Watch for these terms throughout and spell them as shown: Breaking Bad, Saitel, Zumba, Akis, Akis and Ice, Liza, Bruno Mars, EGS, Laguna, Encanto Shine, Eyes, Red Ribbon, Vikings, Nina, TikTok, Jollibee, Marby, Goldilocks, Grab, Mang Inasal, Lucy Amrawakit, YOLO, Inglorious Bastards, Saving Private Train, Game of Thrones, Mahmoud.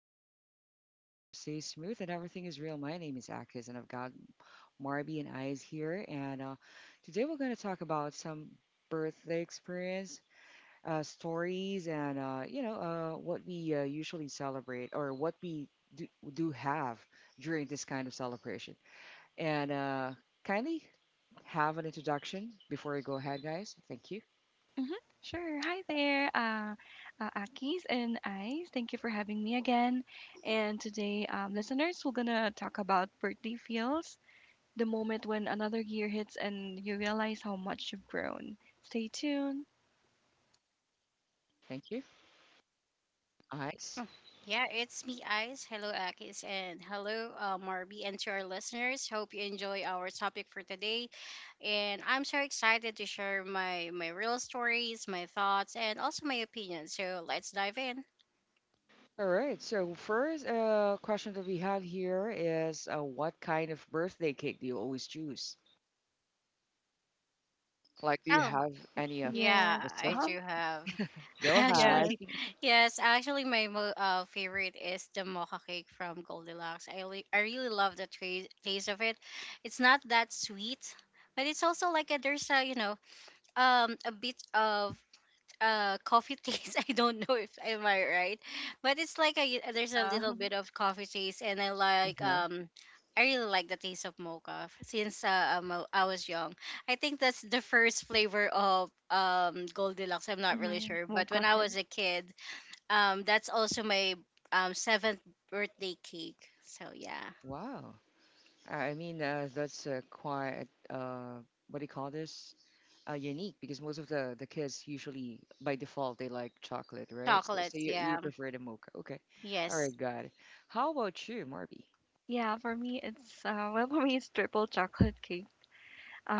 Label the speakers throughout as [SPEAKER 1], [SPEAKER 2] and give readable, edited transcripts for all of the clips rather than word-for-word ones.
[SPEAKER 1] conversation flow easy and the vibe stays smooth and everything is real. My name is Akis, and I've got Marby and Eyes here. And Today we're going to talk about some birthday experience stories and what we usually celebrate or what we do, do have during this kind of celebration. And Kindly have an introduction before we go ahead, guys. Thank you.
[SPEAKER 2] Mhm. Sure. Hi there, Akis and Ice. Thank you for having me again. And today, listeners, we're gonna talk about birthday feels, the moment when another year hits and you realize how much you've grown. Stay tuned.
[SPEAKER 1] Thank you. Eyes.
[SPEAKER 3] Yeah, it's me, Ice. Hello, Akis, and hello, Marby, and to our listeners. Hope you enjoy our topic for today. And I'm so excited to share my real stories, my thoughts, and also my opinions. So let's dive in.
[SPEAKER 1] All right. So first question that we have here is what kind of birthday cake do you always choose? Like, do you
[SPEAKER 3] Oh,
[SPEAKER 1] have any
[SPEAKER 2] Yes.
[SPEAKER 3] yeah,
[SPEAKER 2] Uh
[SPEAKER 3] I
[SPEAKER 2] huh.
[SPEAKER 1] specific?
[SPEAKER 3] do have.
[SPEAKER 1] Go ahead.
[SPEAKER 2] Yes.
[SPEAKER 3] Actually, yes, actually, my favorite is the mocha cake from Goldilocks. I really love the taste of it. It's not that sweet, but it's also like a, there's a, a bit of coffee taste. I don't know if am I right, but it's like a, there's a
[SPEAKER 2] Yeah.
[SPEAKER 3] little bit of coffee taste, and I like
[SPEAKER 1] Uh-huh.
[SPEAKER 3] I really like the taste of mocha since I was young. I think that's the first flavor of Goldilocks. I'm not really
[SPEAKER 2] Mm-hmm.
[SPEAKER 3] sure, but when
[SPEAKER 2] Mocha
[SPEAKER 3] I was
[SPEAKER 2] cake.
[SPEAKER 3] a kid, that's also my seventh birthday cake, so yeah.
[SPEAKER 1] Wow. I mean, that's quite what do you call this? Unique because most of the kids usually by default they like chocolate, right? So
[SPEAKER 3] Chocolates,
[SPEAKER 1] you, you
[SPEAKER 3] yeah.
[SPEAKER 1] prefer the mocha. Okay. All
[SPEAKER 3] Yes.
[SPEAKER 1] right, got it. How about you, Marby?
[SPEAKER 2] Yeah. For me, it's well, for me, it's triple chocolate cake.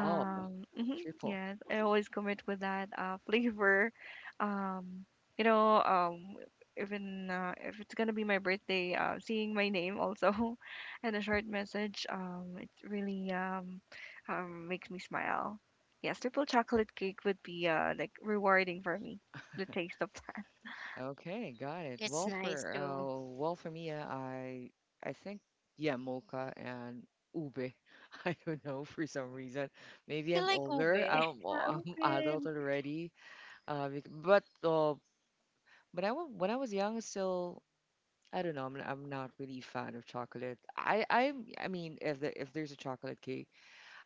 [SPEAKER 1] Oh,
[SPEAKER 2] Mhm,
[SPEAKER 1] triple.
[SPEAKER 2] yes, I always commit with that flavor. Um, you know, um, Even if it's gonna be my birthday, seeing my name also and a short message, it really makes me smile. Yes, triple chocolate cake would be like rewarding for me, the taste of that.
[SPEAKER 1] Okay, got it.
[SPEAKER 3] It's nice too.
[SPEAKER 1] Well, for me, I think yeah, mocha and ube. I don't know for some reason. Maybe
[SPEAKER 3] You
[SPEAKER 1] I'm
[SPEAKER 3] like
[SPEAKER 1] older.
[SPEAKER 3] ube?
[SPEAKER 1] I'm
[SPEAKER 2] Ah,
[SPEAKER 1] I'm
[SPEAKER 2] okay.
[SPEAKER 1] adult already. Uh, bec- but uh, but when I was young, still I don't know. I'm not really a fan of chocolate. I mean, if there's a chocolate cake,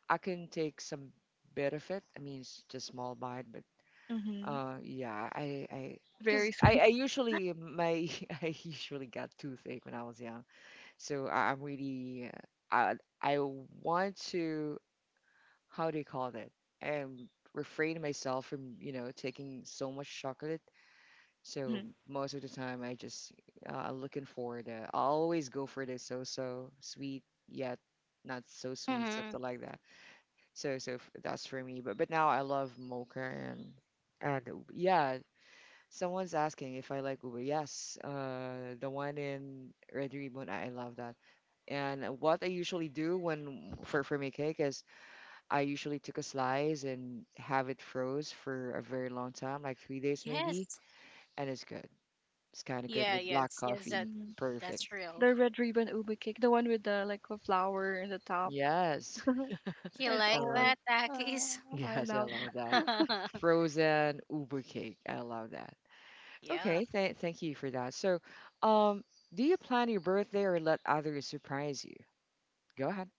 [SPEAKER 1] I can take some bit of it. I mean, it's just small bite, but
[SPEAKER 2] Hmm.
[SPEAKER 1] uh, yeah, I, I,
[SPEAKER 2] It's
[SPEAKER 1] because
[SPEAKER 2] very sweet.
[SPEAKER 1] I usually my I usually got toothache when I was young, so I, I'm really uh, I want to how do you call that? Refrain myself from you know taking so much chocolate. So
[SPEAKER 2] Hmm.
[SPEAKER 1] most of the time I just I'm looking for the I always go for the so-so sweet yet not so sweet
[SPEAKER 3] Hmm.
[SPEAKER 1] something like that. That's for me. But now I love mocha and yeah. Someone's asking if I like Uber. Yes, the one in Red Ribbon. I love that. And what I usually do when for my cake is I usually took a slice and have it froze for a very long time, like 3 days maybe,
[SPEAKER 3] Yes.
[SPEAKER 1] and it's good. It's kind of good
[SPEAKER 3] Yeah,
[SPEAKER 1] with black
[SPEAKER 3] yes, yes,
[SPEAKER 1] coffee.
[SPEAKER 3] that
[SPEAKER 2] Mm.
[SPEAKER 1] Perfect.
[SPEAKER 3] that's real.
[SPEAKER 2] The red ribbon ube cake, the one with the like a flower in the top.
[SPEAKER 1] Yes,
[SPEAKER 3] You
[SPEAKER 2] It's
[SPEAKER 1] I
[SPEAKER 3] like
[SPEAKER 1] love.
[SPEAKER 2] always
[SPEAKER 3] that,
[SPEAKER 2] uh,
[SPEAKER 3] Takis?
[SPEAKER 2] I
[SPEAKER 1] Yes, I
[SPEAKER 2] love.
[SPEAKER 1] love that. Frozen Uber cake. I love that.
[SPEAKER 3] Yeah.
[SPEAKER 1] Okay, th thank you for that. So, um, do you plan your birthday or let others surprise you? Go ahead.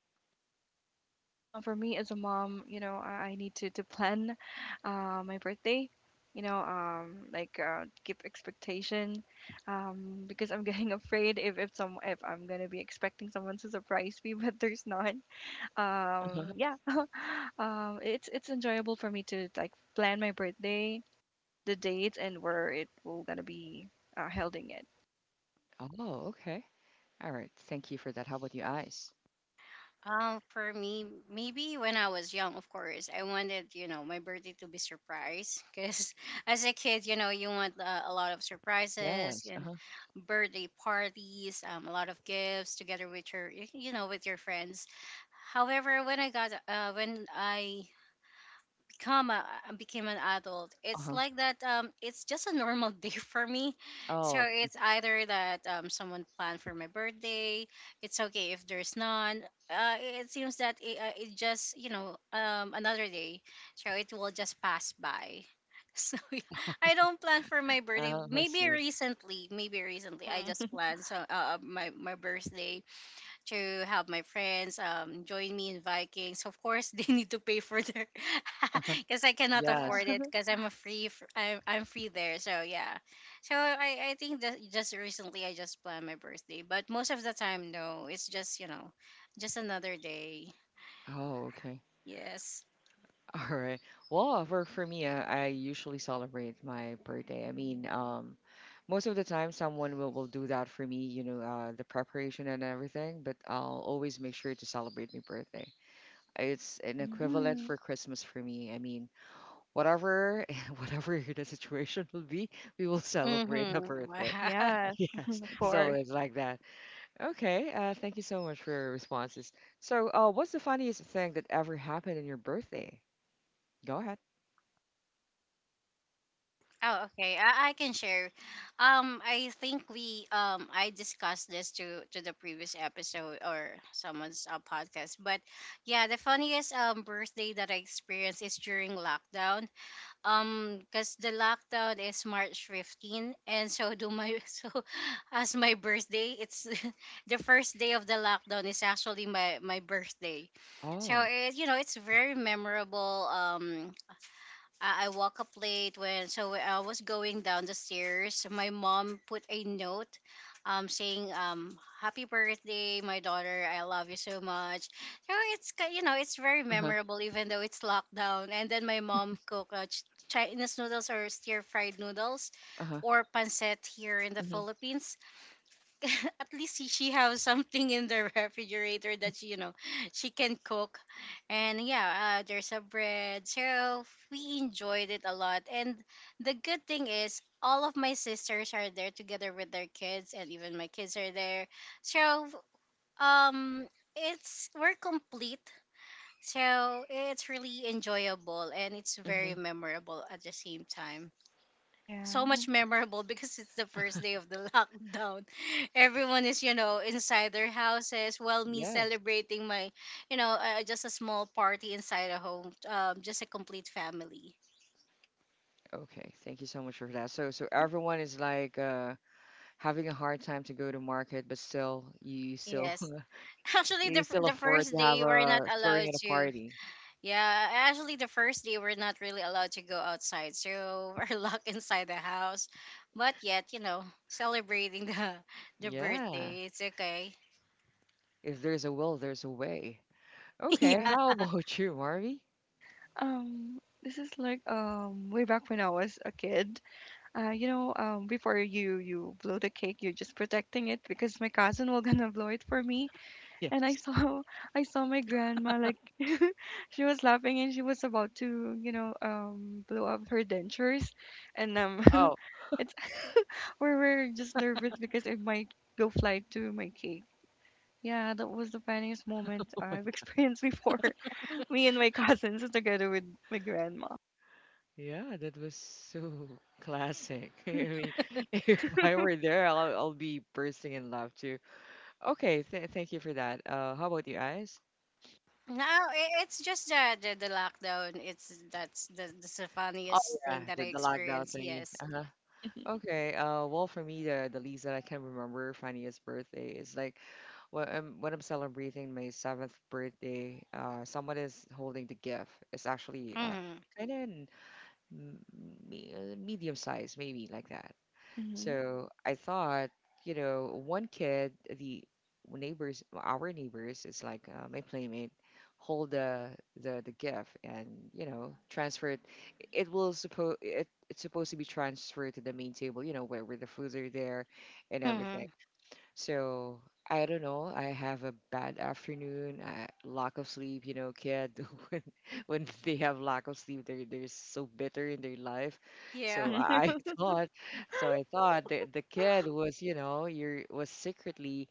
[SPEAKER 2] For me as a mom, you know, I need to plan my birthday. You know, like give expectation, because I'm getting afraid if I'm gonna be expecting someone to surprise me, but there's not.
[SPEAKER 1] Uh-huh.
[SPEAKER 2] Yeah, it's enjoyable for me to like plan my birthday, the dates, and where it will gonna be holding it.
[SPEAKER 1] Oh, okay. All right. Thank you for that. How about your eyes?
[SPEAKER 3] For me, maybe when I was young, of course, I wanted, my birthday to be surprise. Because as a kid, you want a lot of surprises,
[SPEAKER 1] Yes. Uh-huh.
[SPEAKER 3] birthday parties, a lot of gifts together with your, with your friends. However, when I got, when I comma I became an adult. It's
[SPEAKER 1] Uh-huh.
[SPEAKER 3] like that. It's just a normal day for me, so
[SPEAKER 1] Oh,
[SPEAKER 3] it's either that someone planned for my birthday. It's okay if there's none. It seems that it just, another day, so it will just pass by. So yeah, I don't plan for my birthday.
[SPEAKER 1] I
[SPEAKER 3] maybe
[SPEAKER 1] see.
[SPEAKER 3] recently maybe recently I
[SPEAKER 2] Hmm.
[SPEAKER 3] just planned, so my birthday to have my friends join me in Vikings. Of course, they need to pay for their because I cannot
[SPEAKER 1] Yes.
[SPEAKER 3] afford
[SPEAKER 2] Yeah.
[SPEAKER 3] it because I'm a free I'm free there. So yeah, so I think that just recently I just planned my birthday, but most of the time no, it's just, just another day.
[SPEAKER 1] Oh, okay.
[SPEAKER 3] Yes.
[SPEAKER 1] All right. Well, for me, I usually celebrate my birthday. I mean, most of the time, someone will do that for me, you know, the preparation and everything, but I'll always make sure to celebrate my birthday. It's an equivalent
[SPEAKER 2] Hmm.
[SPEAKER 1] for Christmas for me. I mean, whatever whatever the situation will be, we will celebrate the
[SPEAKER 3] Mm-hmm.
[SPEAKER 1] birthday.
[SPEAKER 2] Yes,
[SPEAKER 1] Yes,
[SPEAKER 2] of
[SPEAKER 1] so
[SPEAKER 2] course.
[SPEAKER 1] it's like that. Okay, thank you so much for your responses. So, what's the funniest thing that ever happened on your birthday? Go ahead.
[SPEAKER 3] Oh, okay. I can share. I think we I discussed this to the previous episode or someone's podcast. But yeah, the funniest birthday that I experienced is during lockdown. Cause the lockdown is March 15, and so do my so as my birthday. It's, the first day of the lockdown is actually my birthday. So
[SPEAKER 1] Oh,
[SPEAKER 3] it, you know it's very memorable. I woke up late, when I was going down the stairs. My mom put a note, saying "Happy birthday, my daughter. I love you so much." So it's you know it's very
[SPEAKER 1] uh-huh,
[SPEAKER 3] memorable even though it's lockdown. And then my mom cooked Chinese noodles or stir fried noodles,
[SPEAKER 1] uh-huh.
[SPEAKER 3] or pancit here in the
[SPEAKER 1] Mm-hmm,
[SPEAKER 3] Philippines. At least she has something in the refrigerator that she, you know she can cook. And yeah, there's a bread, so we enjoyed it a lot. And the good thing is all of my sisters are there together with their kids, and even my kids are there. So um it's, we're complete, so it's really enjoyable, and it's very
[SPEAKER 1] mm-hmm.
[SPEAKER 3] memorable at the same time,
[SPEAKER 2] Yeah.
[SPEAKER 3] so much memorable, because it's the first day of the lockdown. Everyone is, you know, inside their houses, while me
[SPEAKER 1] Yes.
[SPEAKER 3] celebrating my, you know, just a small party inside a home, just a complete family.
[SPEAKER 1] Okay, thank you so much for that. So, so
[SPEAKER 2] Mhm.
[SPEAKER 1] everyone is like having a hard time to go to market, but still, you still
[SPEAKER 3] Yes. Actually,
[SPEAKER 1] you
[SPEAKER 3] the,
[SPEAKER 1] still
[SPEAKER 3] the
[SPEAKER 1] afford
[SPEAKER 3] first
[SPEAKER 1] to have
[SPEAKER 3] day we're not
[SPEAKER 1] a throwing
[SPEAKER 3] allowed
[SPEAKER 1] at a
[SPEAKER 3] to.
[SPEAKER 1] party.
[SPEAKER 3] Yeah, actually, the first day we're not really allowed to go outside, so we're locked inside the house. But yet, you know, celebrating the
[SPEAKER 1] Yeah.
[SPEAKER 3] birthday, it's okay.
[SPEAKER 1] If there's a will, there's a way. Okay,
[SPEAKER 2] Yeah.
[SPEAKER 1] how
[SPEAKER 3] Yeah.
[SPEAKER 1] about you, Marvy?
[SPEAKER 2] Um, this is like way back when I was a kid. Before you blow the cake, you're just protecting it because my cousin will gonna blow it for me. And I
[SPEAKER 1] Yes.
[SPEAKER 2] saw I saw my grandma like she was laughing and she was about to blow up her dentures, and
[SPEAKER 1] Oh,
[SPEAKER 2] it's we're just nervous because it might go fly to my cake. Yeah, that was the funniest moment
[SPEAKER 1] oh my
[SPEAKER 2] I've
[SPEAKER 1] God.
[SPEAKER 2] experienced before. Me and my cousins together with my grandma.
[SPEAKER 1] Yeah, that was so classic. I mean, if I were there, I'll be bursting in love too. Okay, th thank you for that. How about you guys?
[SPEAKER 3] No, it's just the, the lockdown. It's that's the
[SPEAKER 1] Oh
[SPEAKER 3] funniest
[SPEAKER 1] yeah,
[SPEAKER 3] thing that
[SPEAKER 1] the,
[SPEAKER 3] I
[SPEAKER 1] the lockdown
[SPEAKER 3] experienced.
[SPEAKER 1] thingy.
[SPEAKER 3] Yes.
[SPEAKER 1] Uh-huh.
[SPEAKER 2] Hmm.
[SPEAKER 1] Okay. Well, for me, the least that I can remember funniest birthday is like when I'm celebrating my seventh birthday. Someone is holding the gift. It's actually
[SPEAKER 3] Mhm.
[SPEAKER 1] kind of m- medium size, maybe like that.
[SPEAKER 2] Hmm.
[SPEAKER 1] So I thought, you know, one kid, the neighbors, our neighbors, is like my playmate, hold the gift and you know transfer it. It will supposed it it's supposed to be transferred to the main table, you know, where the foods are there and everything.
[SPEAKER 3] Mhm.
[SPEAKER 1] So I don't know. I have a bad afternoon, I, lack of sleep. You know, kid, when they have lack of sleep, they're so bitter in their life.
[SPEAKER 3] Yeah.
[SPEAKER 1] So I thought, so I thought the kid was, you know, you're was secretly,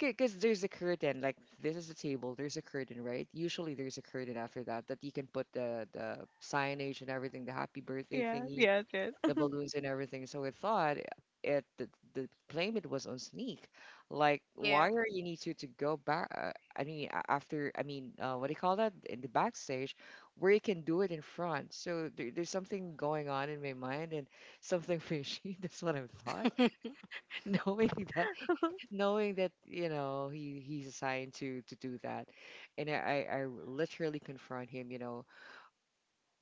[SPEAKER 1] because there's a curtain. Like this is a table. There's a curtain, right? Usually there's a curtain after that that you can put the signage and everything, the happy birthday
[SPEAKER 2] Yes,
[SPEAKER 1] thingy
[SPEAKER 2] yes, yes.
[SPEAKER 1] the balloons and everything. So I thought the blame it was on Sneak. Like
[SPEAKER 3] Yeah.
[SPEAKER 1] why are you need to go back? I mean what do you call that in the backstage, where you can do it in front. So there, there's something going on in my mind and something fishy. That's what I thought, knowing that knowing that you know he's assigned to do that, and I literally confront him. You know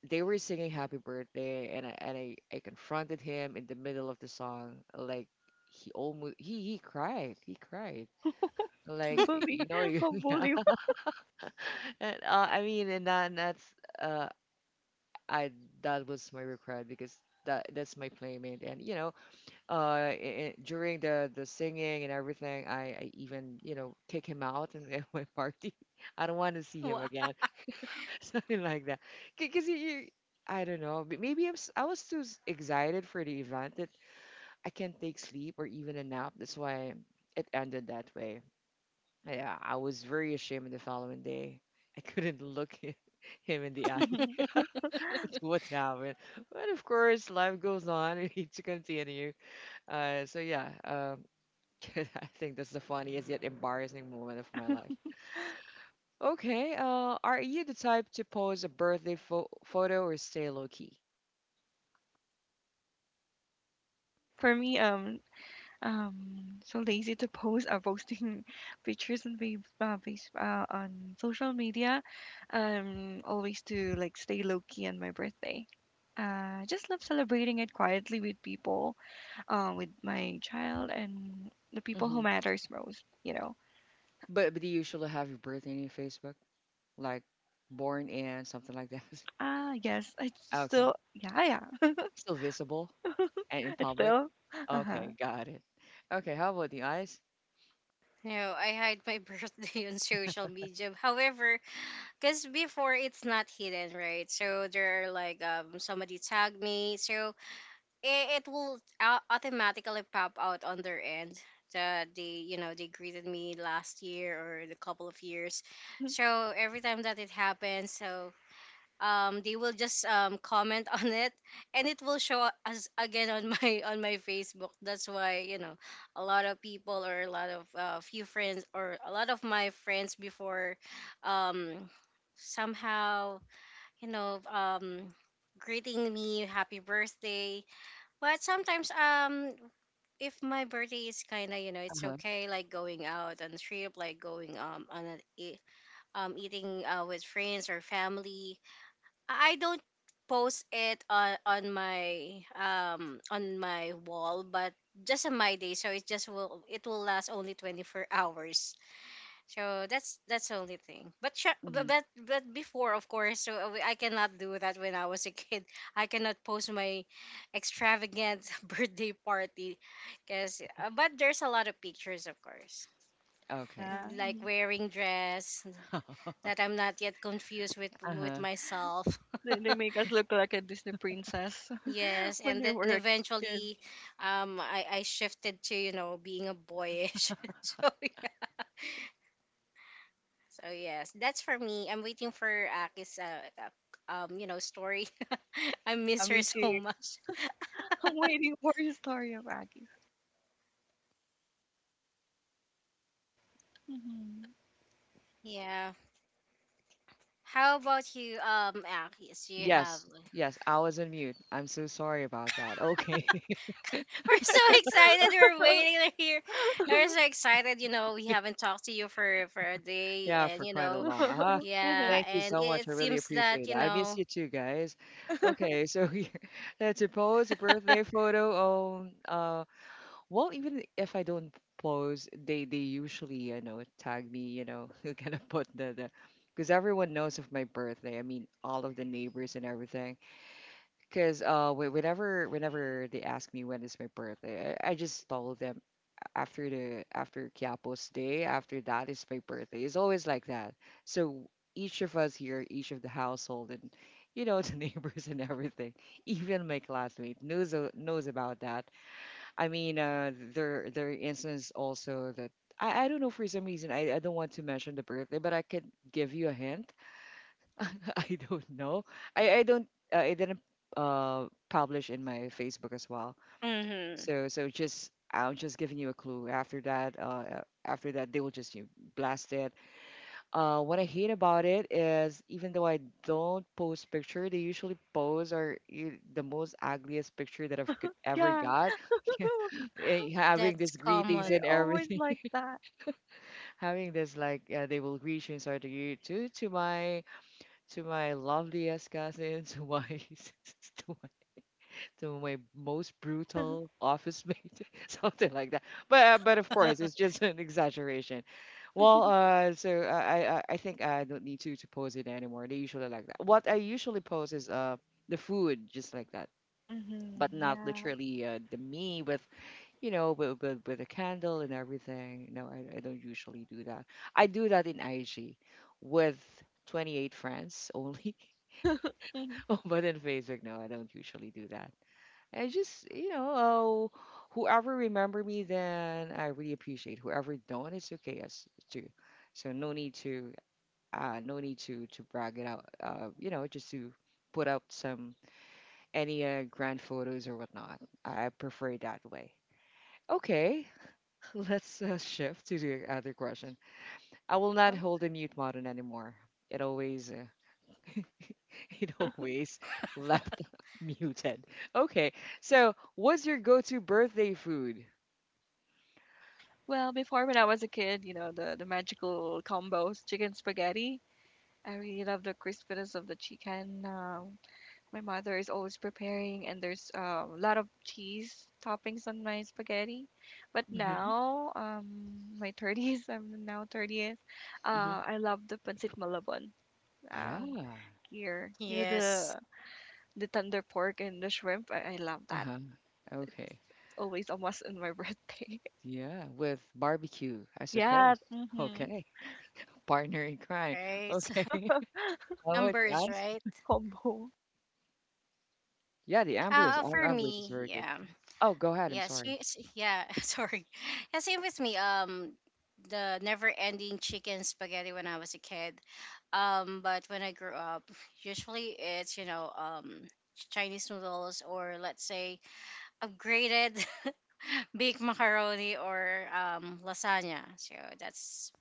[SPEAKER 1] they were singing happy birthday and I confronted him in the middle of the song like he almost he cried he cried. Like
[SPEAKER 2] Bully.
[SPEAKER 1] you know
[SPEAKER 2] Oh,
[SPEAKER 1] yeah.
[SPEAKER 2] bully.
[SPEAKER 1] And I mean and that and that's uh I That was my regret because that's my playmate and you know during the singing and everything I even you know kick him out and my party I don't want to see
[SPEAKER 3] Wow.
[SPEAKER 1] him again. Something like that. Because you- I don't know, maybe I was too excited for the event that I can't take sleep or even a nap. That's why it ended that way. Yeah, I was very ashamed the following day. I couldn't look him in the eye. What happened? But of course, life goes on. We need to continue. So yeah, I think that's the funniest yet embarrassing moment of my life. Okay, are you the type to pose a photo or stay low key?
[SPEAKER 2] For me, so lazy to post. Posting pictures on social media. Always to like stay low key on my birthday. Just love celebrating it quietly with people, with my child and the people
[SPEAKER 1] Hmm.
[SPEAKER 2] who matters most. You know.
[SPEAKER 1] But do you usually have your birthday in your Facebook? Like born in, something like that?
[SPEAKER 2] Ah, yes. I
[SPEAKER 1] Okay.
[SPEAKER 2] still, yeah, yeah.
[SPEAKER 1] Still visible and in
[SPEAKER 2] It's
[SPEAKER 1] public?
[SPEAKER 2] still? Uh-huh.
[SPEAKER 1] Okay, got it. Okay, how about the eyes?
[SPEAKER 3] No, I hide my birthday on social media. However, because before it's not hidden, right? So there are like somebody tagged me. So it will automatically pop out on their end that they you know they greeted me last year or the couple of years, so every time that it happens, so they will just comment on it, and it will show us again on my on my Facebook. That's why, you know, a lot of people, or a lot of few friends, or a lot of my friends before um somehow, you know, greeting me happy birthday. But sometimes, if my birthday is kind of, you know, it's
[SPEAKER 1] Uh-huh.
[SPEAKER 3] okay, like going out on a trip, like going on a eating with friends or family, I don't post it on my on my wall, but just on my day, so it will last only 24 hours. So that's the only thing. But sure,
[SPEAKER 1] Hmm.
[SPEAKER 3] but before, of course, I cannot do that when I was a kid. I cannot post my extravagant birthday party, because but there's a lot of pictures, of course,
[SPEAKER 1] Okay.
[SPEAKER 2] Yeah.
[SPEAKER 3] like wearing dress that I'm not yet confused with
[SPEAKER 1] Uh-huh.
[SPEAKER 3] myself.
[SPEAKER 2] They make us look like a Disney princess
[SPEAKER 3] Yes,
[SPEAKER 2] when
[SPEAKER 3] and
[SPEAKER 2] we
[SPEAKER 3] then
[SPEAKER 2] were a
[SPEAKER 3] eventually,
[SPEAKER 2] kid.
[SPEAKER 3] I shifted to, you know, being a boyish. So yeah. So yes, that's for me. I'm waiting for Aki's story. I
[SPEAKER 2] Yeah,
[SPEAKER 3] miss her
[SPEAKER 2] me
[SPEAKER 3] so
[SPEAKER 2] too.
[SPEAKER 3] much.
[SPEAKER 2] I'm waiting for your story of Aggie. Hmm.
[SPEAKER 3] Yeah. How about you, Akis? Do you have?
[SPEAKER 1] Yes, yes, I was on mute. I'm so sorry about that. Okay.
[SPEAKER 3] We're so excited. We're waiting to hear. We're so excited. You know, we haven't talked to you for a day,
[SPEAKER 1] Yeah, for
[SPEAKER 3] and you
[SPEAKER 1] quite a
[SPEAKER 3] know,
[SPEAKER 1] long. Uh-huh.
[SPEAKER 2] Hmm.
[SPEAKER 3] yeah,
[SPEAKER 1] Thank you
[SPEAKER 3] and
[SPEAKER 1] so much.
[SPEAKER 3] it
[SPEAKER 1] I really
[SPEAKER 3] seems that
[SPEAKER 1] appreciate it.
[SPEAKER 3] you
[SPEAKER 1] I miss
[SPEAKER 3] know,
[SPEAKER 1] you too, guys. Okay, so here, let's suppose a birthday photo on. Well, even if I don't post, they usually you know tag me. You know, kind of put the because everyone knows of my birthday. I mean, all of the neighbors and everything. Because whenever whenever they ask me when is my birthday, I just tell them after Quiapo's day. After that is my birthday. It's always like that. So each of us here, each of the household, and you know the neighbors and everything, even my classmate knows knows about that. I mean, there are instances also that I don't know for some reason I don't want to mention the birthday, but I could give you a hint. I don't know. I don't I didn't publish in my Facebook as well.
[SPEAKER 3] mm-hmm,
[SPEAKER 1] Just I'm just giving you a clue. After that, they will just you blast it. What I hate about it is even though I don't post picture, they usually pose the most ugliest picture that I've could ever
[SPEAKER 2] Yeah.
[SPEAKER 1] got. Eh, having these
[SPEAKER 3] that's
[SPEAKER 1] greetings
[SPEAKER 3] common.
[SPEAKER 1] and
[SPEAKER 2] They're always
[SPEAKER 1] everything,
[SPEAKER 2] like that.
[SPEAKER 1] having this like they will greet you and start to greet to my loveliest cousin, to my sister to my most brutal office mate, something like that. But of course, it's just an exaggeration. Well, so I think I don't need to post it anymore. They usually like that. What I usually post is the food, just like that, but
[SPEAKER 2] Hmm.
[SPEAKER 1] not
[SPEAKER 2] Yeah.
[SPEAKER 1] literally the me with you know with a candle and everything. No, I don't usually do that. I do that in IG with 28 friends only.
[SPEAKER 2] Mhm.
[SPEAKER 1] But in Facebook, no, I don't usually do that. I just, you know, whoever remember me, then I really appreciate. Whoever don't, it's okay as too. So no need to, no need to brag it out. Just to put up some any grand photos or whatnot. I prefer it that way. Okay, let's shift to the other question. I will not
[SPEAKER 2] Uh-huh.
[SPEAKER 1] hold the mute button anymore. It always, uh, it always left muted. Okay, so what's your go-to birthday food?
[SPEAKER 2] Well, before when I was a kid, you know, the magical combos, chicken spaghetti. I really love the crispiness of the chicken. My mother is always preparing, and there's a lot of cheese toppings on my spaghetti. But
[SPEAKER 1] Mhm,
[SPEAKER 2] now, my 30s, I'm now 30th,
[SPEAKER 1] mhm.
[SPEAKER 2] I love the pancit malabon
[SPEAKER 1] Yeah.
[SPEAKER 2] uh, here. You know, the
[SPEAKER 3] Yes,
[SPEAKER 2] the tender pork and the shrimp, I love that.
[SPEAKER 1] Uh-huh.
[SPEAKER 2] It's
[SPEAKER 1] Okay.
[SPEAKER 2] always almost on my birthday.
[SPEAKER 1] Yeah, with barbecue, I
[SPEAKER 2] Yeah,
[SPEAKER 1] suppose.
[SPEAKER 2] mm-hmm.
[SPEAKER 1] Okay. Partner in crime.
[SPEAKER 3] right.
[SPEAKER 1] Okay. How about you
[SPEAKER 3] Numbers, right?
[SPEAKER 1] guys?
[SPEAKER 2] Combo.
[SPEAKER 1] Yeah, the Ambrose.
[SPEAKER 3] For
[SPEAKER 1] Ambrose is
[SPEAKER 3] me,
[SPEAKER 1] very good.
[SPEAKER 3] yeah.
[SPEAKER 1] Oh, go ahead. I'm
[SPEAKER 3] Yeah,
[SPEAKER 1] sorry.
[SPEAKER 3] she, yeah, sorry. Yeah, same with me. The never-ending chicken spaghetti when I was a kid. But when I grew up, usually it's, Chinese noodles, or let's say upgraded baked macaroni or lasagna. So that's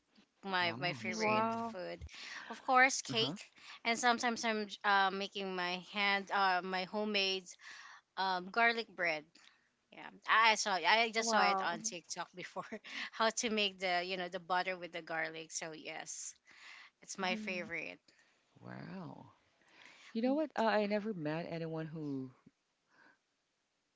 [SPEAKER 3] my
[SPEAKER 1] Wow.
[SPEAKER 2] Hmm.
[SPEAKER 1] It's,
[SPEAKER 3] favorite
[SPEAKER 1] um,
[SPEAKER 2] Wow,
[SPEAKER 3] food. Of course,
[SPEAKER 1] uh-huh.
[SPEAKER 3] cake, and sometimes I'm making my homemade garlic bread. Yeah, I saw it. I just saw it
[SPEAKER 2] wow.
[SPEAKER 3] on TikTok before. How to make the you know the butter with the garlic. So yes, it's my
[SPEAKER 2] Mm-hmm.
[SPEAKER 3] favorite.
[SPEAKER 1] Wow. You know what? I never met anyone who,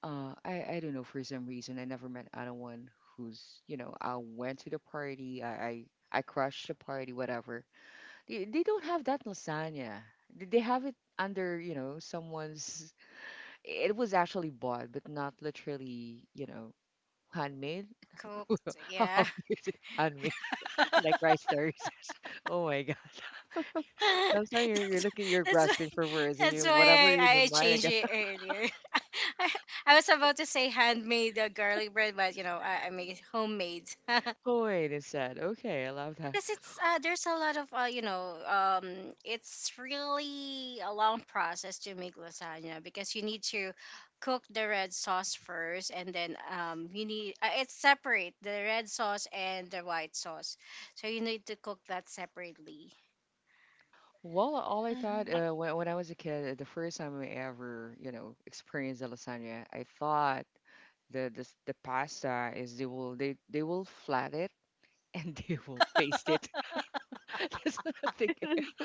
[SPEAKER 1] uh, I don't know, for some reason, I never met anyone who's, I went to the party, I crushed the party, whatever. They don't have that lasagna. They have it under, someone's. It was actually bought, but not literally, handmade.
[SPEAKER 3] Cooked,
[SPEAKER 1] How do
[SPEAKER 3] yeah.
[SPEAKER 1] you say handmade? Like rice terraces. Oh my God. Sometimes you're
[SPEAKER 3] that's,
[SPEAKER 1] looking, you're
[SPEAKER 3] that's why
[SPEAKER 1] grasping for words and you,
[SPEAKER 3] that's
[SPEAKER 1] whatever
[SPEAKER 3] why
[SPEAKER 1] in
[SPEAKER 3] I,
[SPEAKER 1] your
[SPEAKER 3] I
[SPEAKER 1] mind, I
[SPEAKER 3] changed
[SPEAKER 1] guess.
[SPEAKER 3] it earlier. I, I was about to say handmade garlic bread, but I make it homemade.
[SPEAKER 1] Oh, wait. It said, okay, I love that.
[SPEAKER 3] Because it's there's a lot of it's really a long process to make lasagna, because you need to cook the red sauce first, and then you need it's separate the red sauce and the white sauce, so you need to cook that separately.
[SPEAKER 1] Well, all I thought when I was a kid, the first time I ever, experienced a lasagna, I thought the pasta is they will flat it and they will paste it. That's what I'm thinking.
[SPEAKER 2] Mm-hmm.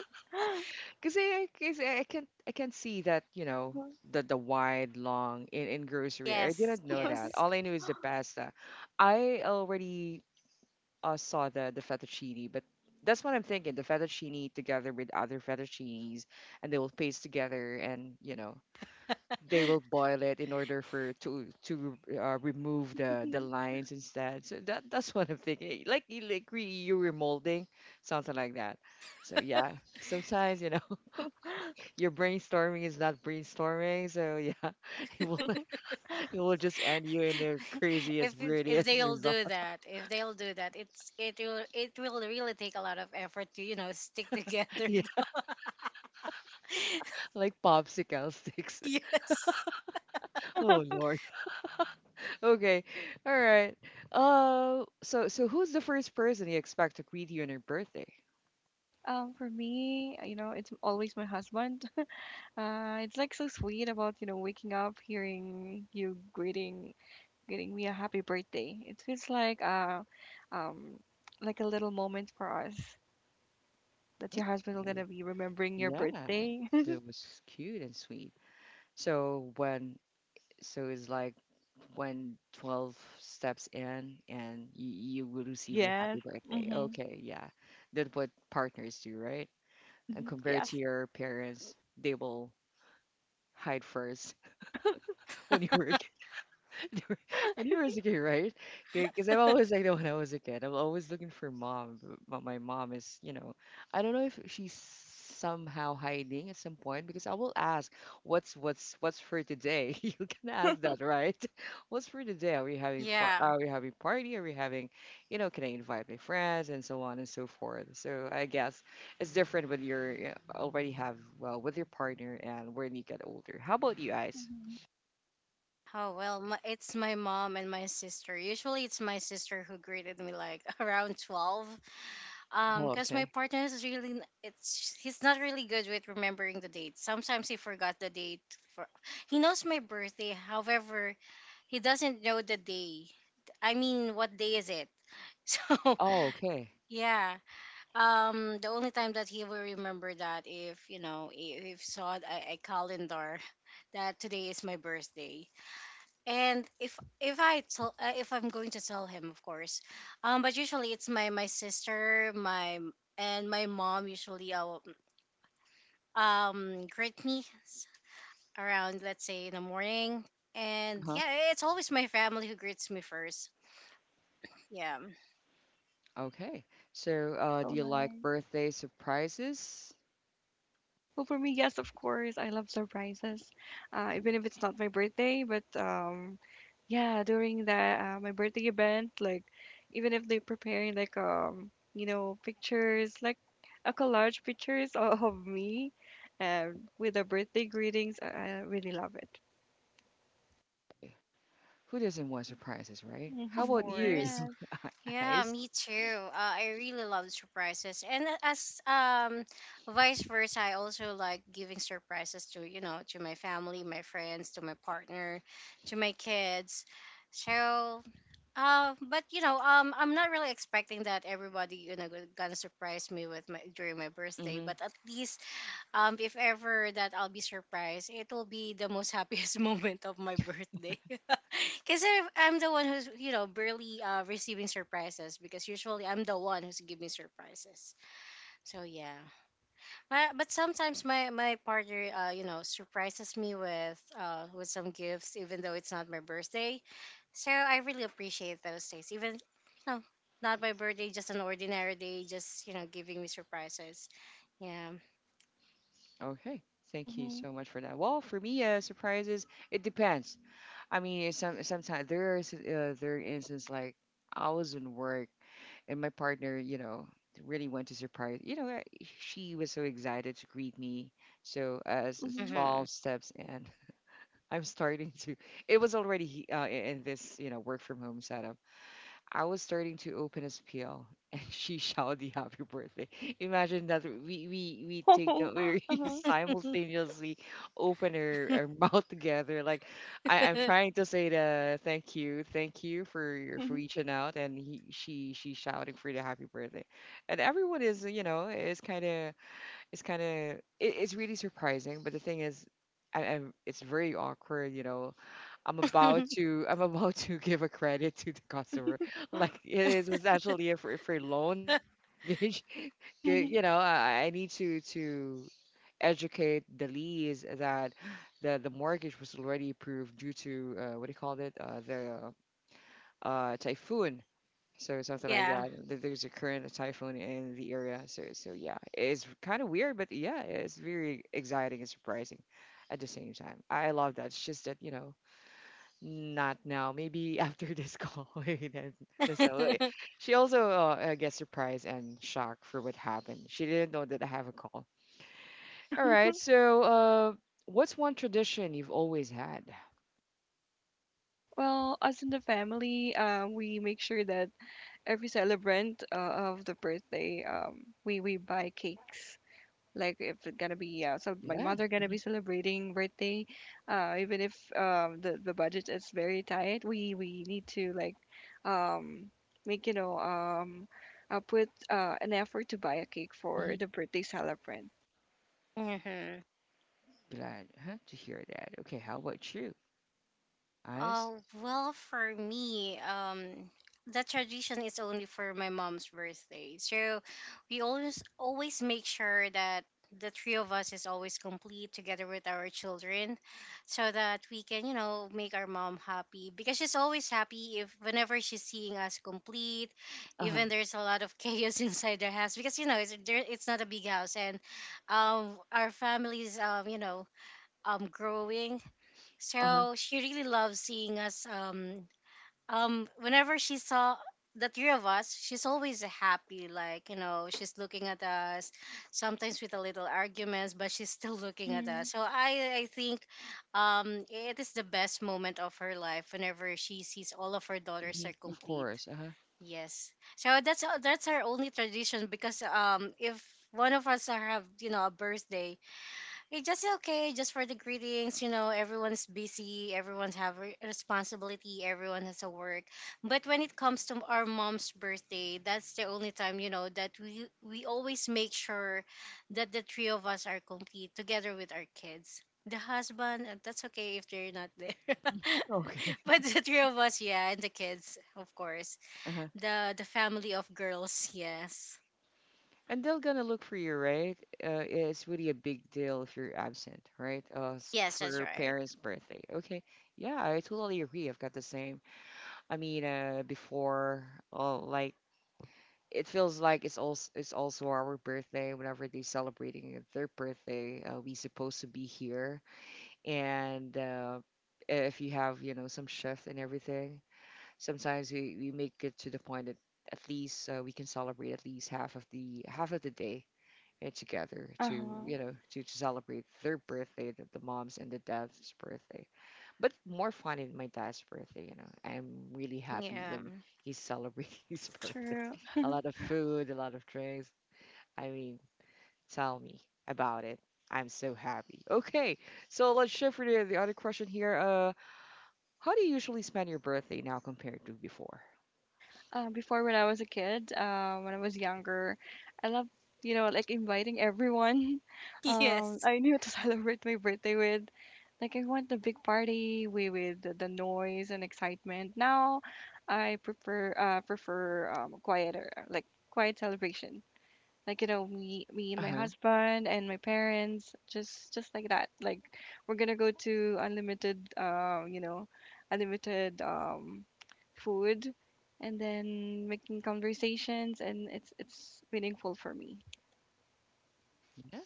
[SPEAKER 1] Because I, cause I can see that the wide long in grocery. I
[SPEAKER 3] Yes,
[SPEAKER 1] didn't know that.
[SPEAKER 3] yes.
[SPEAKER 1] All I knew is the pasta. I already saw the fettuccine, but that's what I'm thinking. The fettuccine together with other fettuccines, and they will paste together, and they will boil it in order for to remove the lines instead. So that's what I'm thinking. Like you like you remolding, something like that. So yeah, sometimes your brainstorming is not brainstorming. So yeah, it will it will just end you in the craziest,
[SPEAKER 3] If
[SPEAKER 1] weirdest
[SPEAKER 3] they'll
[SPEAKER 1] result.
[SPEAKER 3] do that, it will really take a lot of effort to, you know, stick together.
[SPEAKER 1] Yeah, like popsicle sticks.
[SPEAKER 3] Yes.
[SPEAKER 2] Yeah.
[SPEAKER 1] Oh Lord. Okay, all right. So who's the first person you expect to greet you on your birthday?
[SPEAKER 2] For me, you know, it's always my husband. It's like so sweet about, you know, waking up, hearing you greeting me a happy birthday. It feels um, like a little moment for us that your husband will
[SPEAKER 1] Hmm?
[SPEAKER 2] gonna be remembering your
[SPEAKER 1] Yeah,
[SPEAKER 2] birthday.
[SPEAKER 1] that was cute and sweet. So when so it's like when 12 steps in and you will receive your
[SPEAKER 2] Yes.
[SPEAKER 1] happy birthday.
[SPEAKER 2] Mm-hmm.
[SPEAKER 1] Okay, yeah. That's what partners do, right? And
[SPEAKER 2] Mm-hmm.
[SPEAKER 1] compared
[SPEAKER 2] Yes.
[SPEAKER 1] to your parents, they will hide first when you were a when you were a kid, right? Because I'm always like that when I was a kid. I'm always looking for mom. But my mom is, I don't know if she's somehow hiding at some point because I will ask, what's for today? You can ask
[SPEAKER 2] Hmm.
[SPEAKER 1] that, right? What's for today? Are we having far?
[SPEAKER 3] Yeah.
[SPEAKER 1] Are we having party? Are we having, can I invite my friends and so on and so forth? So I guess it's different when you're already have well with your partner and when you get older. How about you guys?
[SPEAKER 3] Oh well, it's my mom and my sister. Usually, it's my sister who greeted me like around 12.
[SPEAKER 1] Oh,
[SPEAKER 3] Because my
[SPEAKER 1] okay.
[SPEAKER 3] partner is really n- it's he's not really good with remembering the date. Sometimes he forgot the date. For he knows my birthday, however, he doesn't know the day. I mean, what day is it? So
[SPEAKER 1] Oh, okay.
[SPEAKER 3] yeah, the only time that he will remember that if you know if saw a calendar that today is my birthday. And if I tell if I'm going to tell him, of course, but usually it's my sister, my and my mom usually greet me s- around, let's say, in the morning, and
[SPEAKER 1] Uh-huh.
[SPEAKER 3] yeah, it's always my family who greets me first. Yeah,
[SPEAKER 1] Okay. So, do
[SPEAKER 2] So
[SPEAKER 1] you like
[SPEAKER 2] nice.
[SPEAKER 1] birthday surprises?
[SPEAKER 2] Well, for me, yes, of course, I love surprises, even if it's not my birthday. But yeah, during the my birthday event, like even if they're preparing like pictures, like a collage pictures of me, uh, with the birthday greetings, I really love it.
[SPEAKER 1] Who doesn't want surprises, right? How
[SPEAKER 3] of
[SPEAKER 2] Mm-hmm.
[SPEAKER 1] about you,
[SPEAKER 3] course.
[SPEAKER 2] Yes.
[SPEAKER 3] Yeah,
[SPEAKER 1] Ice?
[SPEAKER 3] me too. I really love surprises, and as vice versa, I also like giving surprises to you know to my family, my friends, to my partner, to my kids. So, but I'm not really expecting that everybody, gonna surprise me with my during my birthday.
[SPEAKER 1] Mm-hmm.
[SPEAKER 3] But at least, if ever that I'll be surprised, it will be the most happiest moment of my birthday. Because I'm the one who's, you know, barely receiving surprises, because usually I'm the one who's giving surprises. So, yeah. But sometimes my partner, you know, surprises me with some gifts, even though it's not my birthday. So, I really appreciate those days. Even, you know, not my birthday, just an ordinary day, just, you know, giving me surprises. Yeah.
[SPEAKER 1] Okay. Thank you
[SPEAKER 2] Mm-hmm.
[SPEAKER 1] so much for that. Well, for me, surprises, it depends. I mean, sometimes there are instances like I was in work and my partner, really wanted to surprise. She was so excited to greet me. So as it's
[SPEAKER 2] Mm-hmm.
[SPEAKER 3] Mm-hmm.
[SPEAKER 1] 12 steps in, I'm starting to. It was already in this, work from home setup. I was starting to open his peel, and she shouted "Happy Birthday!" Imagine that we take that we
[SPEAKER 2] Uh-huh.
[SPEAKER 1] simultaneously open our mouth together. Like I'm trying to say the thank you for for
[SPEAKER 2] Mm-hmm.
[SPEAKER 1] reaching out, and he she shouting for the Happy Birthday, and everyone is is kind of it's kind of it, it's really surprising. But the thing is, it's very awkward, I'm about to give a credit to the customer. Like it's actually a free, loan, mortgage. You know, I need to educate the lease that the mortgage was already approved due to what do you call it? The typhoon. So something like
[SPEAKER 3] Yeah.
[SPEAKER 1] that. There's a current typhoon in the area. So yeah, it's kind of weird, but yeah, it's very exciting and surprising at the same time. I love that. It's just that, not now. Maybe after this call. Maybe then. That's all, right. She also gets surprised and shocked for what happened. She didn't know that I have a call. All right. So, what's one tradition you've always had?
[SPEAKER 2] Well, us in the family, we make sure that every celebrant of the birthday, we buy cakes. Like if it's gonna be so my
[SPEAKER 1] Yeah.
[SPEAKER 2] mother gonna
[SPEAKER 1] Hmm.
[SPEAKER 2] be celebrating birthday, even if the budget is very tight, we need to like um, make you know put an effort to buy a cake for
[SPEAKER 1] Hmm.
[SPEAKER 2] the birthday celebrant.
[SPEAKER 3] Hmm.
[SPEAKER 1] Glad, huh, to hear that. Okay. How about you, Eyes?
[SPEAKER 3] Uh, well, for me, the tradition is only for my mom's birthday. So we always make sure that the three of us is always complete together with our children so that we can make our mom happy because she's always happy if whenever she's seeing us complete,
[SPEAKER 1] Uh huh.
[SPEAKER 3] even there's a lot of chaos inside their house because it's there, it's not a big house, and our families growing.
[SPEAKER 1] Uh huh.
[SPEAKER 3] So she really loves seeing us. Whenever she saw the three of us, she's always happy. Like, she's looking at us. Sometimes with a little arguments, but she's still looking at
[SPEAKER 2] Mm-hmm.
[SPEAKER 3] us. So I think, it is the best moment of her life whenever she sees all of her daughters
[SPEAKER 1] Hmm.
[SPEAKER 3] are
[SPEAKER 1] Of
[SPEAKER 3] complete.
[SPEAKER 1] course. Uh huh.
[SPEAKER 3] Yes. So that's our only tradition, because if one of us have a birthday, it's just okay, just for the greetings. Everyone's busy, everyone's have responsibility, everyone has a work. But when it comes to our mom's birthday, that's the only time that we always make sure that the three of us are complete together with our kids. The husband, that's okay if they're not there.
[SPEAKER 1] Okay.
[SPEAKER 3] But the three of us, yeah, and the kids, of course. The family of girls, yes,
[SPEAKER 1] And they're gonna look for you, right? It's really a big deal if you're absent, right?
[SPEAKER 3] yes,
[SPEAKER 1] For
[SPEAKER 3] that's
[SPEAKER 1] your
[SPEAKER 3] right.
[SPEAKER 1] parents' birthday. Okay. Yeah, I totally agree. I've got the same. I mean, before, like, it feels like it's also our birthday. Whenever they're celebrating their birthday, we supposed to be here. And if you have, some shift and everything, sometimes we make it to the point that at least we can celebrate at least half of the day together to
[SPEAKER 2] Uh-huh.
[SPEAKER 1] celebrate their birthday, the mom's and the dad's birthday, but more fun in my dad's birthday. You know, I'm really happy
[SPEAKER 3] Yeah,
[SPEAKER 1] when he's celebrating his birthday.
[SPEAKER 2] True.
[SPEAKER 1] A lot of food, a lot of drinks. I mean, tell me about it. I'm so happy. Okay, so let's shift for the other question here. How do you usually spend your birthday now compared to before?
[SPEAKER 2] Before when I was a kid, when I was younger, I love like inviting everyone.
[SPEAKER 3] yes,
[SPEAKER 2] I knew to celebrate my birthday with. Like I want the big party we with the noise and excitement. Now, I prefer quieter like quiet celebration. Like you know me and my
[SPEAKER 1] Uh-huh.
[SPEAKER 2] husband and my parents just like that. Like we're gonna go to unlimited you know unlimited food and then making conversations and it's meaningful for me.
[SPEAKER 1] Yeah.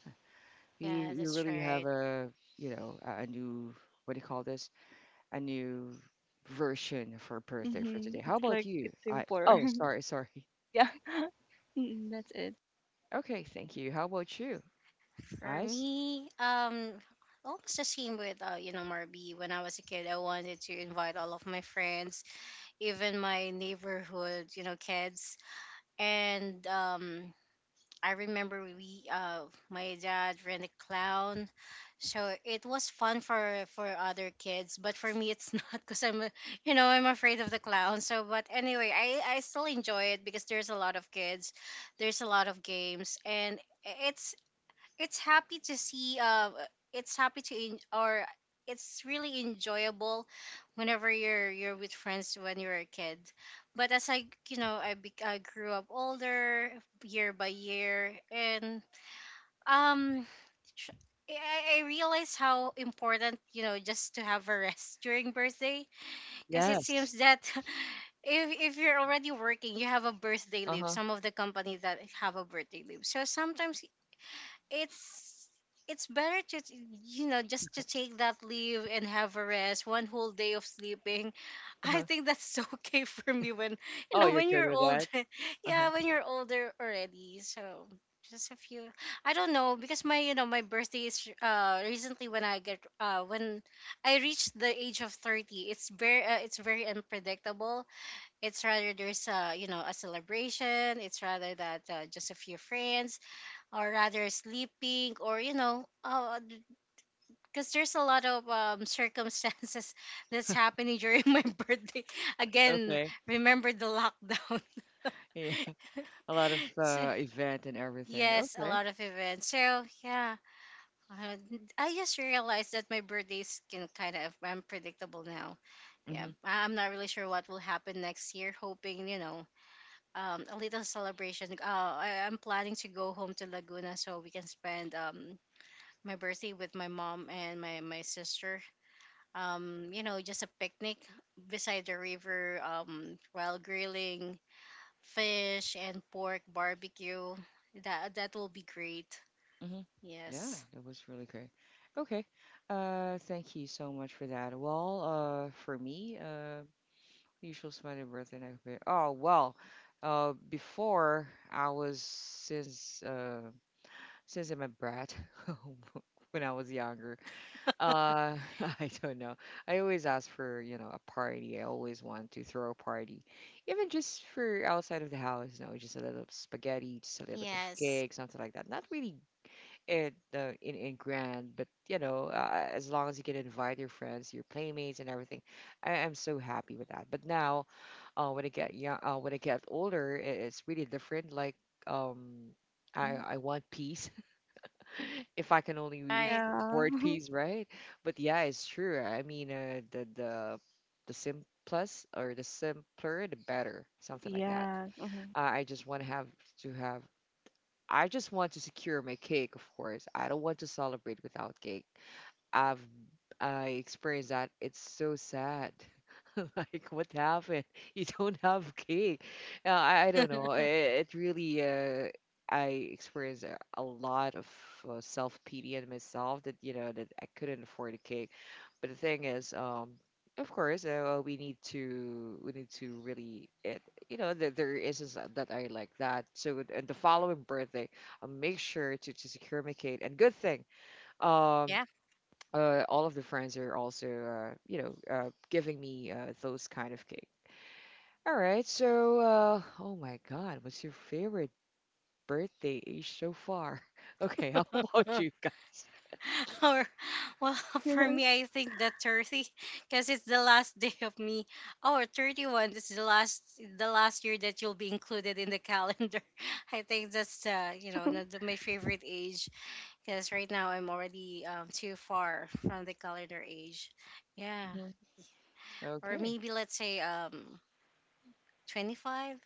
[SPEAKER 1] you
[SPEAKER 3] yeah,
[SPEAKER 1] you
[SPEAKER 3] that's
[SPEAKER 1] really have
[SPEAKER 3] right.
[SPEAKER 1] a, a new, what do you call this, a new version for birthday for
[SPEAKER 2] Hmm.
[SPEAKER 1] today. How
[SPEAKER 2] It's
[SPEAKER 1] about
[SPEAKER 2] like
[SPEAKER 1] you?
[SPEAKER 2] it's
[SPEAKER 1] I
[SPEAKER 2] simpler.
[SPEAKER 1] Oh, sorry.
[SPEAKER 2] Oh yeah, that's it.
[SPEAKER 1] Okay, thank you. How about you,
[SPEAKER 3] For
[SPEAKER 1] Ice?
[SPEAKER 3] me, almost the same with, Marby. When I was a kid, I wanted to invite all of my friends, even my neighborhood, kids. And I remember, my dad ran a clown, so it was fun for other kids, but for me, it's not, because I'm, a, you know, I'm afraid of the clown. So, but anyway, I still enjoy it, because there's a lot of kids, there's a lot of games, and it's it's happy to see, it's happy to or it's really enjoyable whenever you're with friends when you're a kid. But as I you know I, bec I grew up older year by year and, um tr- I realize how important just to have a rest during birthday, because it
[SPEAKER 1] Yes.
[SPEAKER 3] seems that, if you're already working, you have a birthday
[SPEAKER 1] Uh
[SPEAKER 3] leave.
[SPEAKER 1] huh.
[SPEAKER 3] Some of the companies that have a birthday leave. So sometimes it's it's better to t- you know just to take that leave and have a rest one whole day of sleeping.
[SPEAKER 1] Uh
[SPEAKER 3] I
[SPEAKER 1] huh.
[SPEAKER 3] think that's okay for me when you
[SPEAKER 1] Oh,
[SPEAKER 3] know
[SPEAKER 1] you're
[SPEAKER 3] when
[SPEAKER 1] good
[SPEAKER 3] you're
[SPEAKER 1] with that.
[SPEAKER 3] older.
[SPEAKER 1] Uh huh.
[SPEAKER 3] Yeah, when you're older already. So just a few. I don't know, because my birthday is, recently, when I get when I reach the age of 30, it's very, it's very unpredictable. It's rather, there's, a celebration, it's rather that, just a few friends, or rather sleeping, or because there's a lot of, circumstances that's happening during my birthday again.
[SPEAKER 1] Okay.
[SPEAKER 3] Remember the lockdown.
[SPEAKER 1] Yeah. A lot of
[SPEAKER 3] So
[SPEAKER 1] event and everything.
[SPEAKER 3] yes, a
[SPEAKER 1] Okay.
[SPEAKER 3] lot of events. So yeah, uh, I just realized that my birthdays can kind of unpredictable now. Yeah,
[SPEAKER 1] Mhm.
[SPEAKER 3] I'm not really sure what will happen next year, hoping, a little celebration. I'm planning to go home to Laguna so we can spend, my birthday with my mom and my sister. Just a picnic beside the river, while grilling fish and pork barbecue. That will be great.
[SPEAKER 1] Mhm. Yeah,
[SPEAKER 3] Yes.
[SPEAKER 1] that was really great. Okay. Thank you so much for that. Well, for me, usual smiley birthday and everything. Oh well. Before I was since I'm a brat when I was younger. Uh, I don't know. I always ask for, a party. I always want to throw a party, even just for outside of the house. You know, just a little spaghetti, just a little bit of
[SPEAKER 3] Yes.
[SPEAKER 1] cake, something like that. Not really it in grand, but you know, as long as you can invite your friends, your playmates, and everything, I'm so happy with that. But now, when I get older, it's really different. Like, um, I
[SPEAKER 2] Hmm.
[SPEAKER 1] I want peace. If I can only reach
[SPEAKER 3] Right.
[SPEAKER 2] Yeah,
[SPEAKER 1] word piece, right? But yeah, it's true. I mean, the simplest or the simpler, the better, something like that.
[SPEAKER 2] yeah. Hmm.
[SPEAKER 1] I just want to have to have. I just want to secure my cake, of course. I don't want to celebrate without cake. I've I experienced that. It's so sad. Like what happened? You don't have cake. I don't know. It really I experienced a lot of self pity in myself that that I couldn't afford a cake. But the thing is, of course, we need to really it. You know, there is that I like that. So, and the following birthday, I'll make sure to secure my cake. And good thing, um,
[SPEAKER 3] Yeah.
[SPEAKER 1] all of the friends are also, giving me those kind of cake. All right, so, oh my God, what's your favorite birthday age so far? Okay, how about you guys?
[SPEAKER 3] Or well, for me, I think that 30, because it's the last day of me. Oh, or 31. This is the last, year that you'll be included in the calendar. I think that's, not my favorite age, because right now I'm already, too far from the calendar age. Yeah.
[SPEAKER 1] Mhm.
[SPEAKER 3] Or
[SPEAKER 1] Okay,
[SPEAKER 3] maybe let's say, 25.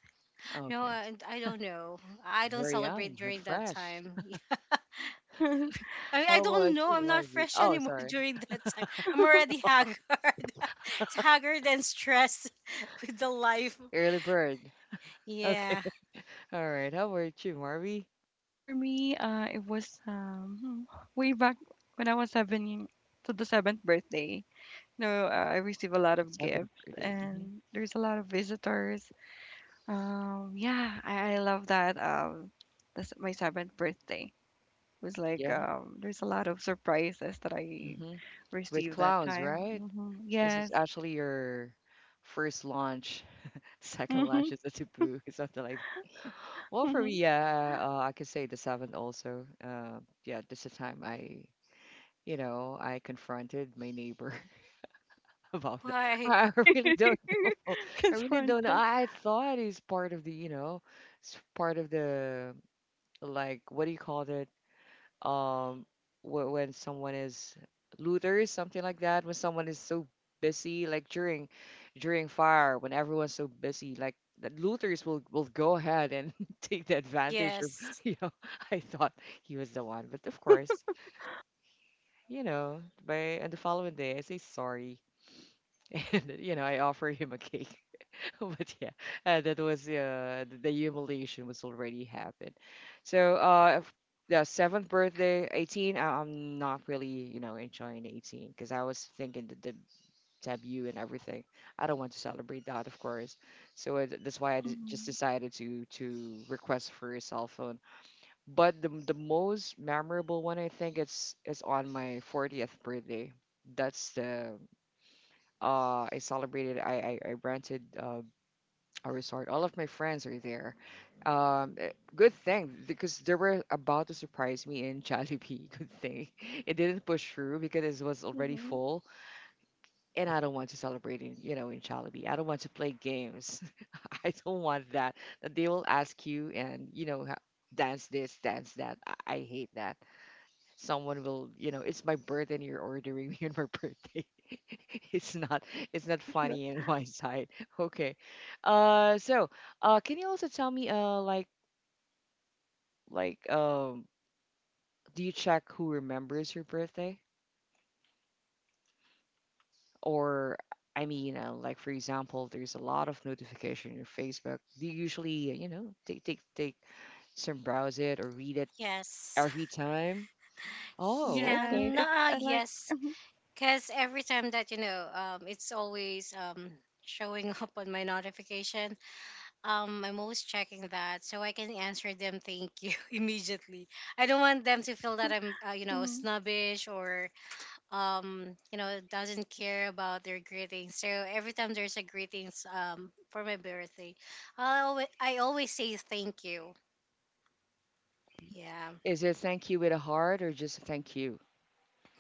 [SPEAKER 3] No,
[SPEAKER 1] okay,
[SPEAKER 3] I don't know. I don't
[SPEAKER 1] very
[SPEAKER 3] celebrate
[SPEAKER 1] young and
[SPEAKER 3] during that
[SPEAKER 1] fresh.
[SPEAKER 3] time. I mean, I
[SPEAKER 1] How
[SPEAKER 3] don't
[SPEAKER 1] about
[SPEAKER 3] know.
[SPEAKER 1] you,
[SPEAKER 3] I'm not
[SPEAKER 1] Marvy?
[SPEAKER 3] fresh
[SPEAKER 1] Oh,
[SPEAKER 3] anymore
[SPEAKER 1] sorry,
[SPEAKER 3] during that time. I'm already haggard, haggard and stressed with the life.
[SPEAKER 1] early bird. Okay,
[SPEAKER 3] Yeah.
[SPEAKER 1] all right. How about you, Marvy?
[SPEAKER 2] For me, it was way back when I was seven to the seventh birthday. No, I received a lot of
[SPEAKER 1] Seventh
[SPEAKER 2] gifts
[SPEAKER 1] birthday. Hmm.
[SPEAKER 2] and there's a lot of visitors. Yeah, I love that. That's my seventh birthday. Was like
[SPEAKER 1] Yeah,
[SPEAKER 2] there's a lot of surprises that I
[SPEAKER 1] hmm, with
[SPEAKER 2] received that
[SPEAKER 1] clowns,
[SPEAKER 2] time.
[SPEAKER 1] right?
[SPEAKER 2] Hmm.
[SPEAKER 1] This is
[SPEAKER 2] Yes.
[SPEAKER 1] actually your first launch. Second lunch
[SPEAKER 2] Mm-hmm.
[SPEAKER 1] is a taboo, something like that. Well, for me, yeah, I could say the seventh also. Yeah, this is the time I confronted my neighbor about that.
[SPEAKER 3] Why?
[SPEAKER 1] I really don't know. I really don't know.
[SPEAKER 2] Confronted.
[SPEAKER 1] I thought it's part of the, it's part of the, like, what do you call that? um when someone is looters, something like that, when someone is so busy, like during fire, when everyone's so busy, like the looters will go ahead and take the advantage of,
[SPEAKER 3] Yes.
[SPEAKER 1] you know I thought he was the one. But of course, you know, by on the following day I say sorry, and you know I offer him a cake. But yeah, that was the humiliation was already happened. So yeah, seventh birthday, 18. I'm not really, you know, enjoying 18 because I was thinking the debut and everything. I don't want to celebrate that, of course. So it, that's why just
[SPEAKER 2] Mm-hmm.
[SPEAKER 1] decided to request for a cell phone. But the most memorable one I think it's is on my 40th birthday. That's the I celebrated I rented a resort. All of my friends are there. Um, eh, Good thing, because they were about to surprise me in Jollibee. Good thing it didn't push through because it was already
[SPEAKER 2] Mm-hmm.
[SPEAKER 1] full, and I don't want to celebrate in, you know, in Jollibee. I don't want to play games. I don't want that. That they will ask you and dance this, dance that. I hate that someone will, you know, it's my birthday and you're ordering me on my birthday. It's not it's not funny on my side. Okay. So can you also tell me like, like, do you check who remembers your birthday, or I mean, like for example there's a lot of notification in your Facebook, do you usually, you know, take some, browse it or read it
[SPEAKER 3] Yes.
[SPEAKER 1] every time? Oh,
[SPEAKER 3] Yeah.
[SPEAKER 2] Yes.
[SPEAKER 1] okay.
[SPEAKER 2] It's
[SPEAKER 3] Nah.
[SPEAKER 2] I like.
[SPEAKER 3] Yes. Because every time that, it's always, showing up on my notification. I'm always checking that so I can answer them. Thank you, immediately. I don't want them to feel that I'm,
[SPEAKER 2] Hmm.
[SPEAKER 3] snobbish, or um doesn't care about their greetings. So every time there's a greetings, for my birthday, I always say thank you. Yeah.
[SPEAKER 1] Is it thank you with a heart or just thank you?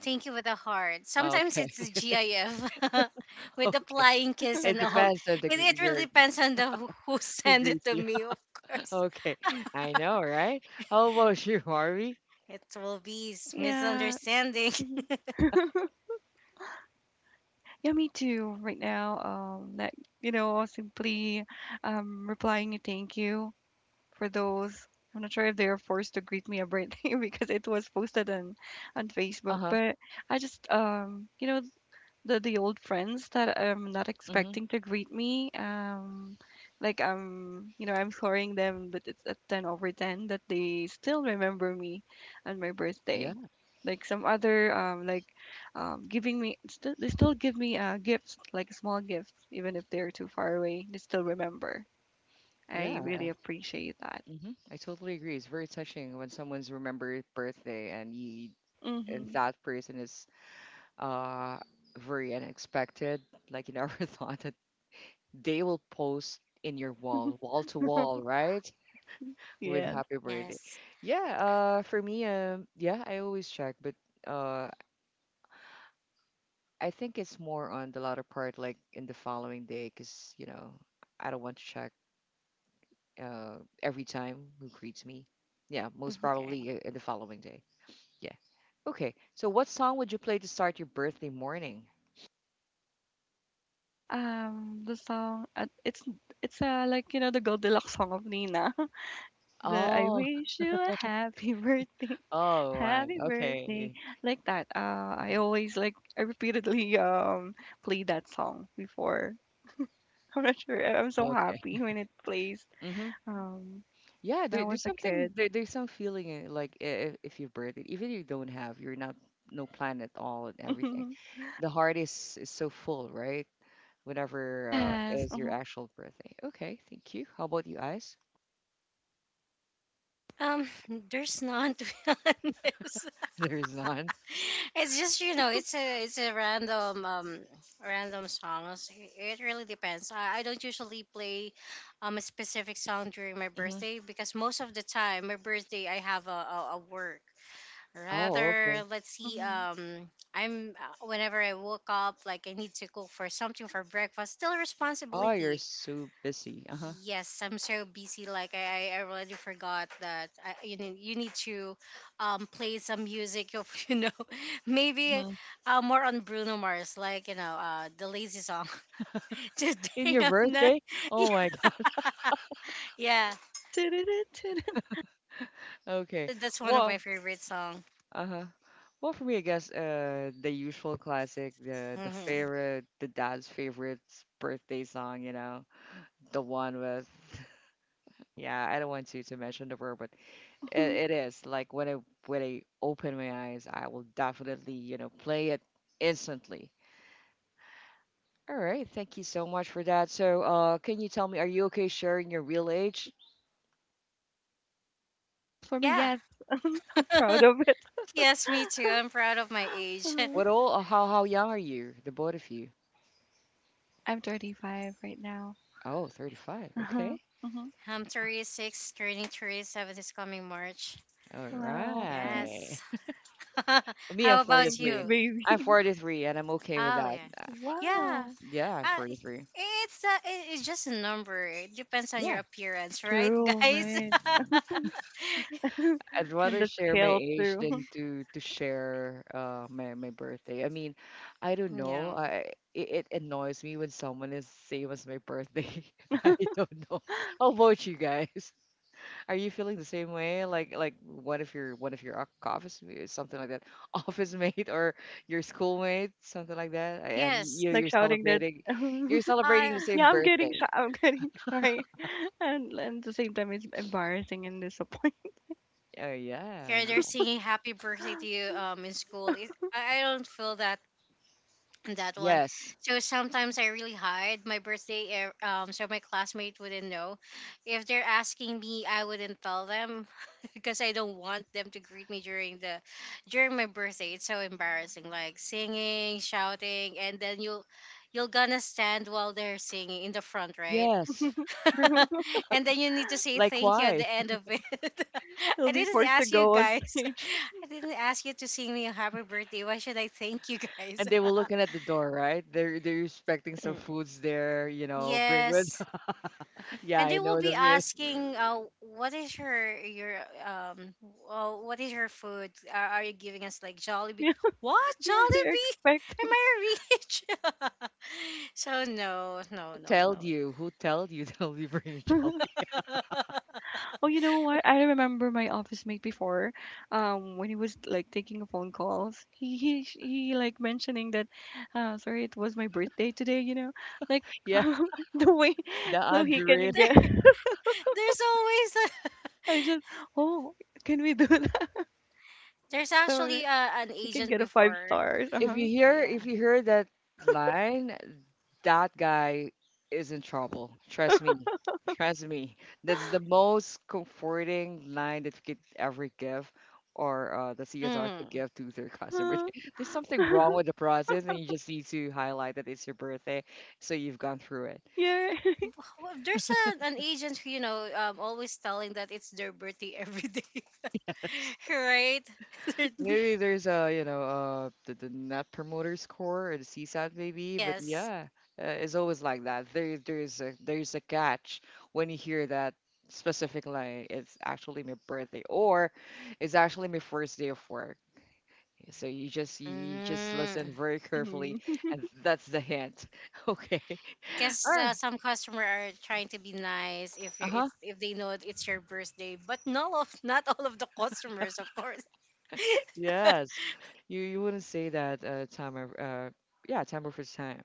[SPEAKER 3] Thank you with a heart, sometimes
[SPEAKER 1] Okay.
[SPEAKER 3] it's a gif, with the
[SPEAKER 1] Okay.
[SPEAKER 3] flying kiss
[SPEAKER 1] It
[SPEAKER 3] and all, it,
[SPEAKER 1] depends on the
[SPEAKER 3] it really depends on the who
[SPEAKER 1] who
[SPEAKER 3] send it
[SPEAKER 1] greets
[SPEAKER 3] to
[SPEAKER 1] you.
[SPEAKER 3] me, of course.
[SPEAKER 1] Okay, I know, right? How about you, Harvey?
[SPEAKER 3] It will be
[SPEAKER 2] Yeah.
[SPEAKER 3] misunderstanding.
[SPEAKER 2] Hmm. Yeah, me too. Right now, that you know, simply replying a thank you for those. I'm not sure if they are forced to greet me a birthday because it was posted on
[SPEAKER 1] Uh
[SPEAKER 2] Facebook,
[SPEAKER 1] huh.
[SPEAKER 2] but I just the old friends that I'm not
[SPEAKER 1] Mm-hmm.
[SPEAKER 2] expecting to greet me. Like I'm sorrying them, but it's at 10/10 that they still remember me on my
[SPEAKER 1] Yeah,
[SPEAKER 2] birthday. Like some other, like, giving me still they still give me gifts, like small gifts, even if they're too far away. They still remember. I
[SPEAKER 1] yeah.
[SPEAKER 2] really appreciate that.
[SPEAKER 1] Mm-hmm. I totally agree. It's very touching when someone's remembered birthday and you, and
[SPEAKER 2] Mm-hmm.
[SPEAKER 1] that person is uh very unexpected. Like you never thought that they will post in your wall, wall to wall, right? With
[SPEAKER 2] Yeah.
[SPEAKER 1] happy birthday.
[SPEAKER 3] Yes.
[SPEAKER 1] Yeah. For me, yeah, I always check, but uh, I think it's more on the latter part, like in the following day, because, you know, I don't want to check uh, every time who greets me. Yeah, most
[SPEAKER 3] Okay.
[SPEAKER 1] probably in the following day. Yeah. Okay. So, what song would you play to start your birthday morning?
[SPEAKER 2] The song, it's like you know the Goldilocks song of Nina. The I
[SPEAKER 1] Oh,
[SPEAKER 2] wish you a happy birthday,
[SPEAKER 1] oh, right.
[SPEAKER 2] happy birthday,
[SPEAKER 1] Okay.
[SPEAKER 2] like that. I always like I repeatedly play that song before. I'm not sure. I'm so
[SPEAKER 1] Okay.
[SPEAKER 2] happy when it plays.
[SPEAKER 1] Mm-hmm.
[SPEAKER 2] Um,
[SPEAKER 1] Yeah,
[SPEAKER 2] when I
[SPEAKER 1] there,
[SPEAKER 2] was
[SPEAKER 1] there's
[SPEAKER 2] a
[SPEAKER 1] something
[SPEAKER 2] kid.
[SPEAKER 1] there, there's some feeling in, like if you've birthed it, even if you don't have, you're not no plan at all and everything. The heart is so full, right? Whenever
[SPEAKER 2] Yes.
[SPEAKER 1] is your
[SPEAKER 2] Uh-huh.
[SPEAKER 1] actual birthday. Okay, thank you. How about you guys?
[SPEAKER 3] Um there's none, to be honest.
[SPEAKER 1] There's none.
[SPEAKER 3] It's just, it's a random, random songs. It really depends. I don't usually play, a specific song during my
[SPEAKER 1] Hmm.
[SPEAKER 3] birthday, because most of the time my birthday I have a work.
[SPEAKER 1] Oh,
[SPEAKER 3] Rather,
[SPEAKER 1] okay.
[SPEAKER 3] let's see,
[SPEAKER 2] Uh-huh.
[SPEAKER 3] I'm whenever I woke up, like I need to cook for something for breakfast, still
[SPEAKER 1] Oh, you're
[SPEAKER 3] responsibility.
[SPEAKER 1] so busy. Uh-huh.
[SPEAKER 3] Yes, I'm so busy. Like I already forgot that, you need to, play some music. Of, maybe,
[SPEAKER 1] Mhm.
[SPEAKER 3] more on Bruno Mars. Like, the lazy song.
[SPEAKER 1] In
[SPEAKER 3] Today
[SPEAKER 1] your
[SPEAKER 3] I'm not.
[SPEAKER 1] birthday? Oh my God.
[SPEAKER 3] Yeah,
[SPEAKER 1] Okay.
[SPEAKER 3] that's one of
[SPEAKER 1] Well,
[SPEAKER 3] my favorite song.
[SPEAKER 1] uh-huh. Well, for me, I guess the usual classic, the
[SPEAKER 3] Hmm.
[SPEAKER 1] favorite, the dad's favorite birthday song, you know, the one with, yeah, I don't want to mention the word. But it is like when I, when I open my eyes, I will definitely, you know, play it instantly. All right, thank you so much for that. So, can you tell me, are you okay sharing your real age?
[SPEAKER 2] Well, for me,
[SPEAKER 3] Yeah.
[SPEAKER 2] yes. I'm proud of it.
[SPEAKER 3] Yes, me too. I'm proud of my age.
[SPEAKER 2] Uh-huh.
[SPEAKER 1] What all? How young are you, the both of you?
[SPEAKER 2] I'm 35 right now.
[SPEAKER 1] Oh, 35.
[SPEAKER 2] Uh-huh.
[SPEAKER 1] Okay.
[SPEAKER 2] Uh-huh.
[SPEAKER 3] I'm 36, turning 37 this coming March.
[SPEAKER 1] All
[SPEAKER 2] Wow. Uh-huh.
[SPEAKER 1] right.
[SPEAKER 3] Yes.
[SPEAKER 1] Me, I'm
[SPEAKER 3] How about
[SPEAKER 2] 90s
[SPEAKER 1] 43.
[SPEAKER 3] you?
[SPEAKER 2] baby.
[SPEAKER 1] I'm 43, and I'm okay with
[SPEAKER 3] Oh
[SPEAKER 1] that.
[SPEAKER 3] yeah. Yeah.
[SPEAKER 2] Wow.
[SPEAKER 1] Yeah, I'm
[SPEAKER 3] Uh,
[SPEAKER 1] 43.
[SPEAKER 3] it's just a number. It depends on your
[SPEAKER 1] Yeah.
[SPEAKER 3] appearance, right,
[SPEAKER 2] True,
[SPEAKER 3] guys?
[SPEAKER 2] right.
[SPEAKER 1] I'd
[SPEAKER 2] And
[SPEAKER 1] rather
[SPEAKER 2] the
[SPEAKER 1] share my
[SPEAKER 2] scales
[SPEAKER 1] age
[SPEAKER 2] too.
[SPEAKER 1] than to share my my birthday. I mean, I don't know.
[SPEAKER 3] Yeah.
[SPEAKER 1] I it, it annoys me when someone is same as my birthday. I don't know. How about you guys? Are you feeling the same way? Like one of your something like that, office mate or your schoolmate, something like that, and
[SPEAKER 3] Yes.
[SPEAKER 1] you
[SPEAKER 2] Like shouting that,
[SPEAKER 1] you're celebrating
[SPEAKER 3] Uh,
[SPEAKER 1] the same
[SPEAKER 2] yeah, I'm
[SPEAKER 1] birthday.
[SPEAKER 2] getting shy. I'm getting shy, and at the same time, it's embarrassing and disappointing.
[SPEAKER 1] Oh yeah,
[SPEAKER 3] yeah, they're
[SPEAKER 1] yeah.
[SPEAKER 3] singing happy birthday to you, in school. It, I don't feel that that one.
[SPEAKER 1] Yes,
[SPEAKER 3] So sometimes I really hide my birthday. So my classmate wouldn't know. If they're asking me, I wouldn't tell them because I don't want them to greet me during the during my birthday. It's so embarrassing, like singing, shouting, and then you'll gonna stand while they're singing in the front, right?
[SPEAKER 1] yes.
[SPEAKER 2] True.
[SPEAKER 3] And then you need to say
[SPEAKER 1] Like
[SPEAKER 3] thank you at
[SPEAKER 1] why?
[SPEAKER 3] the end of it.
[SPEAKER 2] He'll
[SPEAKER 3] I
[SPEAKER 2] be
[SPEAKER 3] didn't
[SPEAKER 2] forced to
[SPEAKER 3] ask you
[SPEAKER 2] go on
[SPEAKER 3] guys.
[SPEAKER 2] stage.
[SPEAKER 3] I didn't ask you to sing me a happy birthday. Why should I thank you guys?
[SPEAKER 1] And they were looking at the door, right? They're expecting some foods there, you know, bring with.
[SPEAKER 3] Yes.
[SPEAKER 1] Yeah,
[SPEAKER 3] And
[SPEAKER 1] I
[SPEAKER 3] they will
[SPEAKER 1] know
[SPEAKER 3] be
[SPEAKER 1] the feel.
[SPEAKER 3] asking, what is um, your food? Are you giving us like Jollibee? What
[SPEAKER 2] Yeah, they're
[SPEAKER 3] Jollibee? Am
[SPEAKER 2] expecting.
[SPEAKER 3] I rich? So, no, no,
[SPEAKER 1] Who
[SPEAKER 3] no,
[SPEAKER 1] told
[SPEAKER 3] no.
[SPEAKER 1] you? Who told you they'll be bringing child?
[SPEAKER 3] there,
[SPEAKER 2] Oh, you know what? I remember my office mate before, when he was like taking a phone calls. He like mentioning that, sorry, it was my birthday today. You know, like
[SPEAKER 1] Yeah,
[SPEAKER 2] the way
[SPEAKER 1] the
[SPEAKER 2] so he can
[SPEAKER 1] Andre.
[SPEAKER 2] get.
[SPEAKER 3] there's always a,
[SPEAKER 2] I just oh, can we do that?
[SPEAKER 3] there's
[SPEAKER 2] So that
[SPEAKER 3] actually, an
[SPEAKER 2] you can
[SPEAKER 3] agent
[SPEAKER 2] get a five
[SPEAKER 3] before.
[SPEAKER 2] stars. Uh
[SPEAKER 1] If you
[SPEAKER 2] huh.
[SPEAKER 1] hear,
[SPEAKER 3] Yeah.
[SPEAKER 1] if you hear that line, that guy is in trouble. Trust me. Trust me. That's the most comforting line that you could ever give, or the CSR could
[SPEAKER 3] Mm.
[SPEAKER 1] give to their
[SPEAKER 2] Uh
[SPEAKER 1] customer. There's something wrong
[SPEAKER 2] huh.
[SPEAKER 1] with the process and you just need to highlight that it's your birthday, so you've gone through it.
[SPEAKER 2] Yeah.
[SPEAKER 3] Well, there's an agent who always telling that it's their birthday every day, right?
[SPEAKER 1] Maybe there's a, you know, the net promoter score or the CSAT maybe, but
[SPEAKER 3] Yes.
[SPEAKER 1] yeah, it's always like that. There, there's a catch when you hear that specific line. It's actually my birthday, or it's actually my first day of work. So you just you just
[SPEAKER 3] Mm.
[SPEAKER 1] listen very carefully,
[SPEAKER 2] Mm-hmm.
[SPEAKER 1] and that's the hint. Okay.
[SPEAKER 3] Because,
[SPEAKER 1] Ah,
[SPEAKER 3] some customer are trying to be nice, if you
[SPEAKER 1] uh-huh.
[SPEAKER 3] it's if they know it's your birthday, but no, of not all of the customers, of course.
[SPEAKER 1] Yes. You wouldn't say that time of yeah, time over time.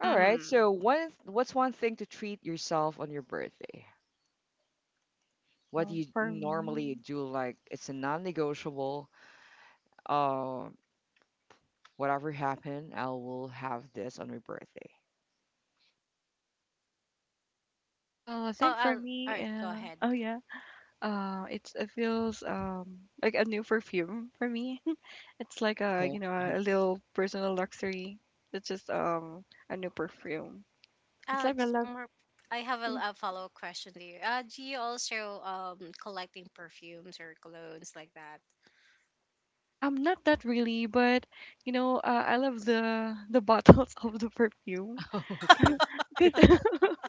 [SPEAKER 1] All right.
[SPEAKER 3] Hmm.
[SPEAKER 1] So what, what's one thing to treat yourself on your birthday? What do
[SPEAKER 2] Uh,
[SPEAKER 1] you
[SPEAKER 2] for
[SPEAKER 1] normally
[SPEAKER 2] me,
[SPEAKER 1] do? Like it's a non-negotiable. Uh, Whatever happened, I will have this on my birthday.
[SPEAKER 2] I
[SPEAKER 3] Oh,
[SPEAKER 2] think for
[SPEAKER 3] all
[SPEAKER 2] me,
[SPEAKER 3] right, go ahead.
[SPEAKER 2] oh yeah, it's it feels like a new perfume for me. It's like a
[SPEAKER 1] Okay.
[SPEAKER 2] you know a little personal luxury. It's just a new perfume. It's
[SPEAKER 3] Uh,
[SPEAKER 2] like I
[SPEAKER 3] just
[SPEAKER 2] love.
[SPEAKER 3] more, I have a,
[SPEAKER 2] Mm.
[SPEAKER 3] a follow-up question to you. Do you also, collecting perfumes or colognes like that?
[SPEAKER 2] Not that really, but you know, I love the bottles of the perfume.
[SPEAKER 1] Okay.
[SPEAKER 2] 'Cause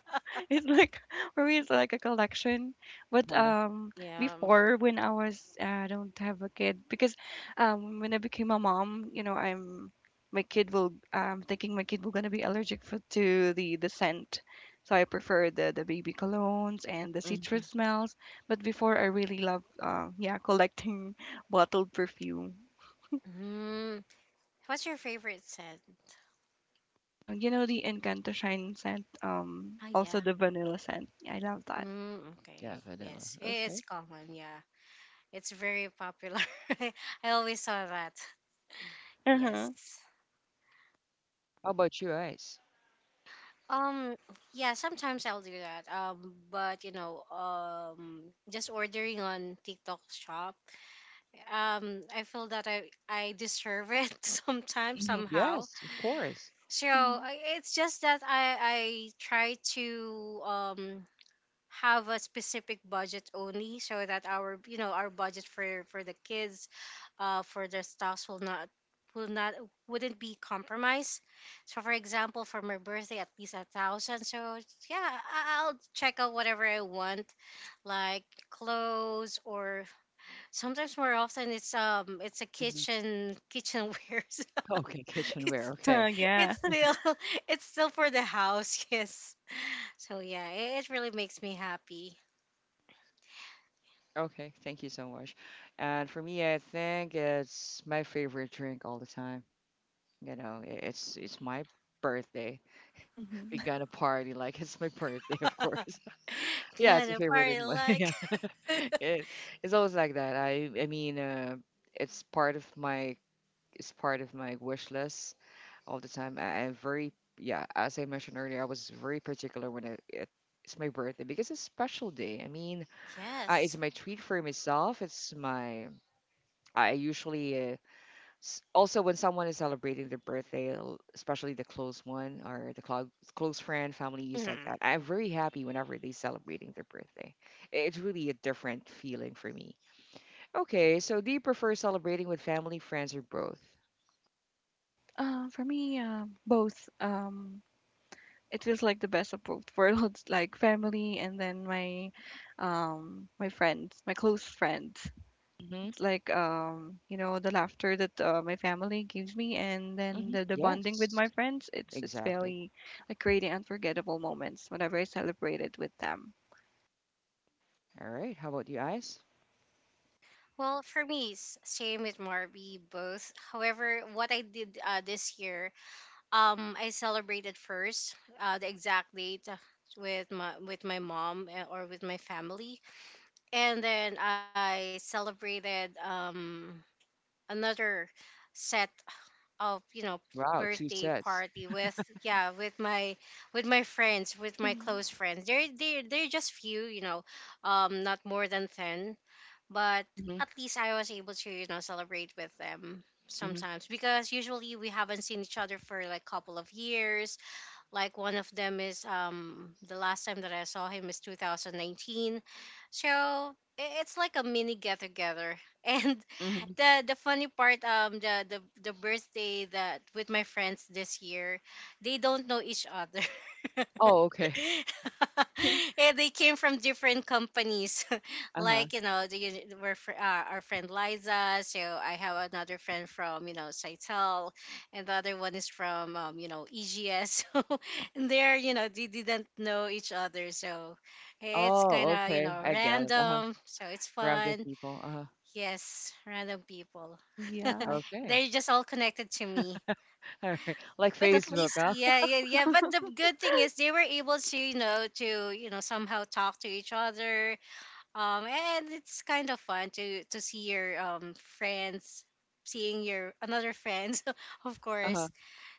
[SPEAKER 2] it's like for me, it's like a collection. But
[SPEAKER 1] Huh?
[SPEAKER 3] Yeah.
[SPEAKER 2] before when I was I don't have a kid because when I became a mom, you know, I'm thinking my kid will gonna be allergic to the scent, so I prefer the baby colognes and the citrus
[SPEAKER 1] Hmm.
[SPEAKER 2] smells. But before I really love yeah collecting bottled perfume.
[SPEAKER 3] Mm. What's your favorite scent?
[SPEAKER 2] You know the Encanto Shine scent,
[SPEAKER 3] Oh
[SPEAKER 2] also
[SPEAKER 3] yeah.
[SPEAKER 2] the vanilla scent. I love that.
[SPEAKER 3] Mm, okay.
[SPEAKER 1] Yeah, vanilla.
[SPEAKER 3] Yes, it's
[SPEAKER 1] Okay.
[SPEAKER 3] common. Yeah. It's very popular. I always saw that.
[SPEAKER 2] Uh-huh.
[SPEAKER 3] Yes.
[SPEAKER 1] How about you, Ice?
[SPEAKER 3] Um yeah, sometimes I'll do that. But, just ordering on TikTok shop. I feel that I deserve it sometimes
[SPEAKER 1] Hmm.
[SPEAKER 3] somehow.
[SPEAKER 1] Yes, of course.
[SPEAKER 3] So it's just that I try to, have a specific budget only so that our you know our budget for the kids, for their stocks will not, will not wouldn't be compromised. So for example, for my birthday, at least a thousand. So yeah, I'll check out whatever I want, like clothes, or sometimes more often it's a
[SPEAKER 1] Hmm.
[SPEAKER 3] kitchenware.
[SPEAKER 1] Okay, kitchenware.
[SPEAKER 3] it's
[SPEAKER 1] Okay.
[SPEAKER 3] it's
[SPEAKER 2] Yeah.
[SPEAKER 3] still, it's still for the house. Yes. So yeah, it really makes me happy.
[SPEAKER 1] Okay, thank you so much. And for me, I think it's my favorite drink all the time. You know, it's my birthday.
[SPEAKER 2] Mhm.
[SPEAKER 1] We gonna party like it's my birthday, of course. Yeah, it's a
[SPEAKER 3] Gonna
[SPEAKER 1] favorite of
[SPEAKER 3] party
[SPEAKER 1] mine.
[SPEAKER 3] like,
[SPEAKER 1] Yeah, it, it's always like that. I mean, it's part of my, it's part of my wish list all the time. I'm very, yeah, as I mentioned earlier, I was very particular when it it's my birthday because it's a special day. I mean, it's
[SPEAKER 3] yes.
[SPEAKER 1] my treat for myself. It's my, I usually also when someone is celebrating their birthday, especially the close one or the close friend, families like
[SPEAKER 3] Mhm.
[SPEAKER 1] that, I'm very happy whenever they are celebrating their birthday. It's really a different feeling for me. Okay, so do you prefer celebrating with family, friends, or both?
[SPEAKER 2] For me, both. It feels like the best of both worlds, like family and then my friends, my close friends.
[SPEAKER 1] Hmm.
[SPEAKER 2] It's like the laughter that my family gives me, and then
[SPEAKER 1] Hmm,
[SPEAKER 2] the bonding with
[SPEAKER 1] yes,
[SPEAKER 2] my friends. It's
[SPEAKER 1] exactly.
[SPEAKER 2] very like creating unforgettable moments whenever I celebrate it with them.
[SPEAKER 1] All right, how about you guys?
[SPEAKER 3] Well, for me, same with Marby, both. However, what I did, this year, I celebrated first, the exact date, with my mom, or with my family, and then I celebrated, another set of,
[SPEAKER 1] Wow, two
[SPEAKER 3] birthday
[SPEAKER 1] sets.
[SPEAKER 3] party with, yeah, with my friends, with my
[SPEAKER 2] Mhm.
[SPEAKER 3] close friends. They're they're just few, not more than 10, but
[SPEAKER 1] Hmm.
[SPEAKER 3] at least I was able to, celebrate with them
[SPEAKER 1] Hmm.
[SPEAKER 3] sometimes, because usually we haven't seen each other for like couple of years, like one of them is, the last time that I saw him is 2019. So it's like a mini get together. And
[SPEAKER 1] Hmm.
[SPEAKER 3] the funny part, the birthday that with my friends this year, they don't know each other.
[SPEAKER 1] Oh, okay.
[SPEAKER 3] Yeah, they came from different companies.
[SPEAKER 1] Uh-huh.
[SPEAKER 3] Our friend Liza. So I have another friend from Saitel, and the other one is from EGS. And they didn't know each other. So it's kind
[SPEAKER 1] Oh
[SPEAKER 3] of, you
[SPEAKER 1] okay,
[SPEAKER 3] know,
[SPEAKER 1] I get it. Uh-huh.
[SPEAKER 3] random. So it's
[SPEAKER 1] Round of
[SPEAKER 3] fun.
[SPEAKER 1] people. Uh-huh.
[SPEAKER 3] Yes, random people.
[SPEAKER 2] Yes.
[SPEAKER 1] Okay.
[SPEAKER 3] They're just all connected to me.
[SPEAKER 1] All right, like
[SPEAKER 3] But at
[SPEAKER 1] Facebook,
[SPEAKER 3] least,
[SPEAKER 1] huh?
[SPEAKER 3] yeah, yeah, yeah. But the good thing is they were able to, you know, to, somehow talk to each other. And it's kind of fun to see your friends, seeing your another friends, of
[SPEAKER 1] Uh-huh,
[SPEAKER 3] course,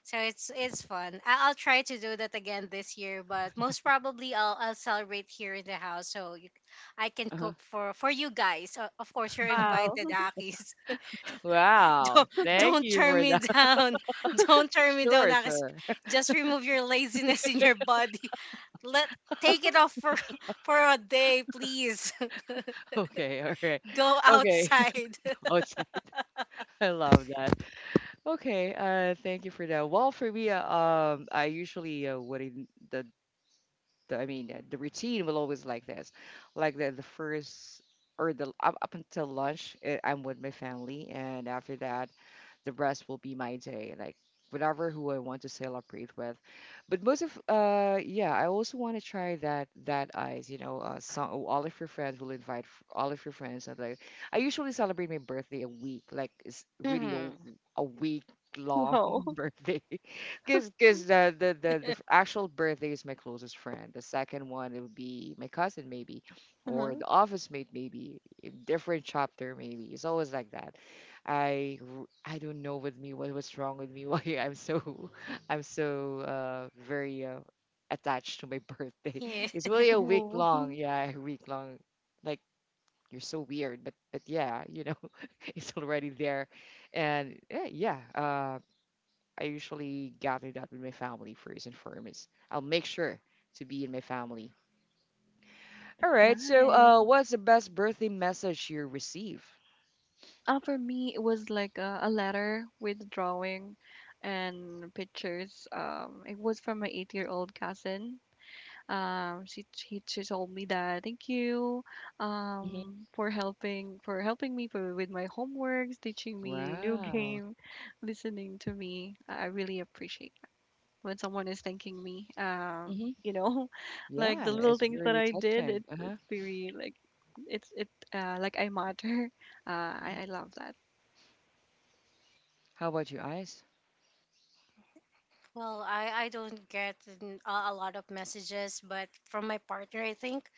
[SPEAKER 3] so it's fun. I'll try to do that again this year, but most probably I'll celebrate here in the house, I can
[SPEAKER 1] uh-huh.
[SPEAKER 3] cook for you guys. Of course, you're
[SPEAKER 2] Wow.
[SPEAKER 3] invited, Akis.
[SPEAKER 1] Wow,
[SPEAKER 3] Don't
[SPEAKER 1] thank
[SPEAKER 3] don't
[SPEAKER 1] you
[SPEAKER 3] turn
[SPEAKER 1] for
[SPEAKER 3] me
[SPEAKER 1] that.
[SPEAKER 3] down. Don't turn me down,
[SPEAKER 1] Sure,
[SPEAKER 3] Akis.
[SPEAKER 1] sure.
[SPEAKER 3] Just remove your laziness in your body. Let take it off for for a day, please.
[SPEAKER 1] Okay, all right.
[SPEAKER 3] Go
[SPEAKER 1] Okay.
[SPEAKER 3] outside.
[SPEAKER 1] Oh, sorry. I love that. Okay, thank you for that. Well, for me, I usually what I, the the, I mean, the routine will always like this, like the first, or the up, up until lunch, eh, I'm with my family, and after that, the rest will be my day, like whatever who I want to celebrate with. But most of, yeah, I also want to try that, that Ice, you know, some, all of your friends will invite all of your friends. And like, I usually celebrate my birthday a week, like it's really
[SPEAKER 3] Mhm.
[SPEAKER 1] a week long
[SPEAKER 2] Wow.
[SPEAKER 1] birthday. Because the actual birthday is my closest friend. The second one it would be my cousin maybe, or
[SPEAKER 2] Uh-huh.
[SPEAKER 1] the office mate maybe, a different chapter maybe. It's always like that. I don't know with me, what, what's wrong with me why I'm so, I'm so very attached to my birthday.
[SPEAKER 3] Yeah.
[SPEAKER 1] It's really a week long,
[SPEAKER 2] Oh,
[SPEAKER 1] yeah, a week long. Like, you're so weird, but yeah, you know, it's already there, and yeah, I usually gather that with my family first and foremost. I'll make sure to be in my family. All
[SPEAKER 2] it's
[SPEAKER 1] right. So,
[SPEAKER 2] nice.
[SPEAKER 1] what's the best birthday message you receive?
[SPEAKER 2] For me, it was like a letter with drawing and pictures. It was from my eight-year-old cousin. She told me that thank you,
[SPEAKER 1] Hmm.
[SPEAKER 2] for helping me with my homeworks, teaching me new
[SPEAKER 1] Wow.
[SPEAKER 2] game, listening to me. I really appreciate that when someone is thanking me.
[SPEAKER 1] Hmm.
[SPEAKER 2] You know, like
[SPEAKER 1] Yeah,
[SPEAKER 2] the little
[SPEAKER 1] it's
[SPEAKER 2] things that
[SPEAKER 1] very
[SPEAKER 2] I did.
[SPEAKER 1] touching.
[SPEAKER 2] It's
[SPEAKER 1] Uh huh.
[SPEAKER 2] it's very like it's it like I matter. I love that.
[SPEAKER 1] How about you, Eyes?
[SPEAKER 3] Well, I don't get a lot of messages, but from my partner, I think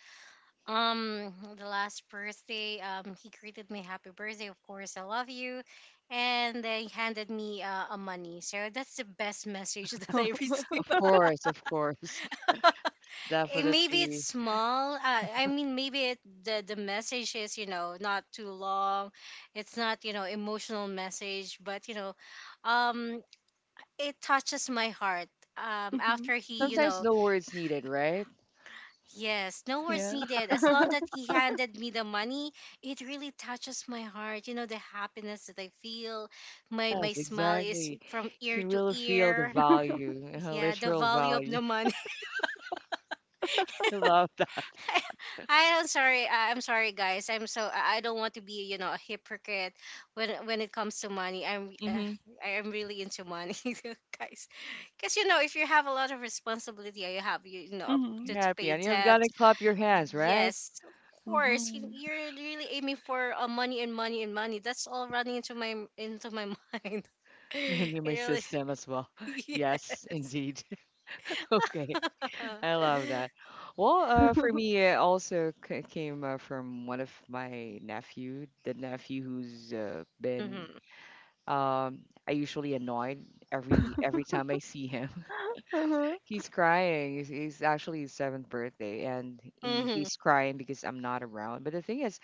[SPEAKER 3] The last birthday, he greeted me happy birthday, of course, I love you, and they handed me a money. So that's the best message that I received.
[SPEAKER 1] Of course, of course.
[SPEAKER 3] Eh, maybe it's
[SPEAKER 1] Definitely.
[SPEAKER 3] small. I mean, maybe the message is, you know, not too long. It's not, you know, emotional message, but you know, um, it touches my heart.
[SPEAKER 2] Mhm,
[SPEAKER 3] After he you
[SPEAKER 2] mhm.
[SPEAKER 1] Sometimes
[SPEAKER 3] know
[SPEAKER 1] no words needed, right?
[SPEAKER 3] Yes, no words
[SPEAKER 2] Yeah.
[SPEAKER 3] needed. As long that he handed me the money, it really touches my heart. You know the happiness that I feel. My
[SPEAKER 1] Yes,
[SPEAKER 3] smile is
[SPEAKER 1] exactly.
[SPEAKER 3] from
[SPEAKER 1] You
[SPEAKER 3] ear
[SPEAKER 1] can
[SPEAKER 3] to
[SPEAKER 1] really feel the
[SPEAKER 3] ear.
[SPEAKER 1] value,
[SPEAKER 3] Yeah, the
[SPEAKER 1] literal
[SPEAKER 3] value of
[SPEAKER 1] value.
[SPEAKER 3] the money.
[SPEAKER 1] I love that.
[SPEAKER 3] I am sorry. I'm sorry, guys. I don't want to be, you know, a hypocrite when it comes to money.
[SPEAKER 1] Mm-hmm.
[SPEAKER 3] I am really into money, guys. Because you know if you have a lot of responsibility, you have you know
[SPEAKER 2] Mhm.
[SPEAKER 3] to
[SPEAKER 1] Happy.
[SPEAKER 3] pay
[SPEAKER 1] And you
[SPEAKER 3] debt.
[SPEAKER 1] gotta clap your hands, right?
[SPEAKER 3] Yes, of course.
[SPEAKER 2] Mhm.
[SPEAKER 3] You're really aiming for money and money and money. That's all running into my mind. It
[SPEAKER 1] An immune
[SPEAKER 3] really,
[SPEAKER 1] system as well. Yes,
[SPEAKER 3] yes.
[SPEAKER 1] indeed. Okay, I love that. Well, for me, it also came from one of my nephew, the nephew who's
[SPEAKER 3] Mm-hmm.
[SPEAKER 1] been. I usually annoyed every time I see him.
[SPEAKER 2] Uh-huh.
[SPEAKER 1] He's crying. He's actually his seventh birthday, and
[SPEAKER 3] Mm-hmm.
[SPEAKER 1] he, he's crying because I'm not around. But the thing is,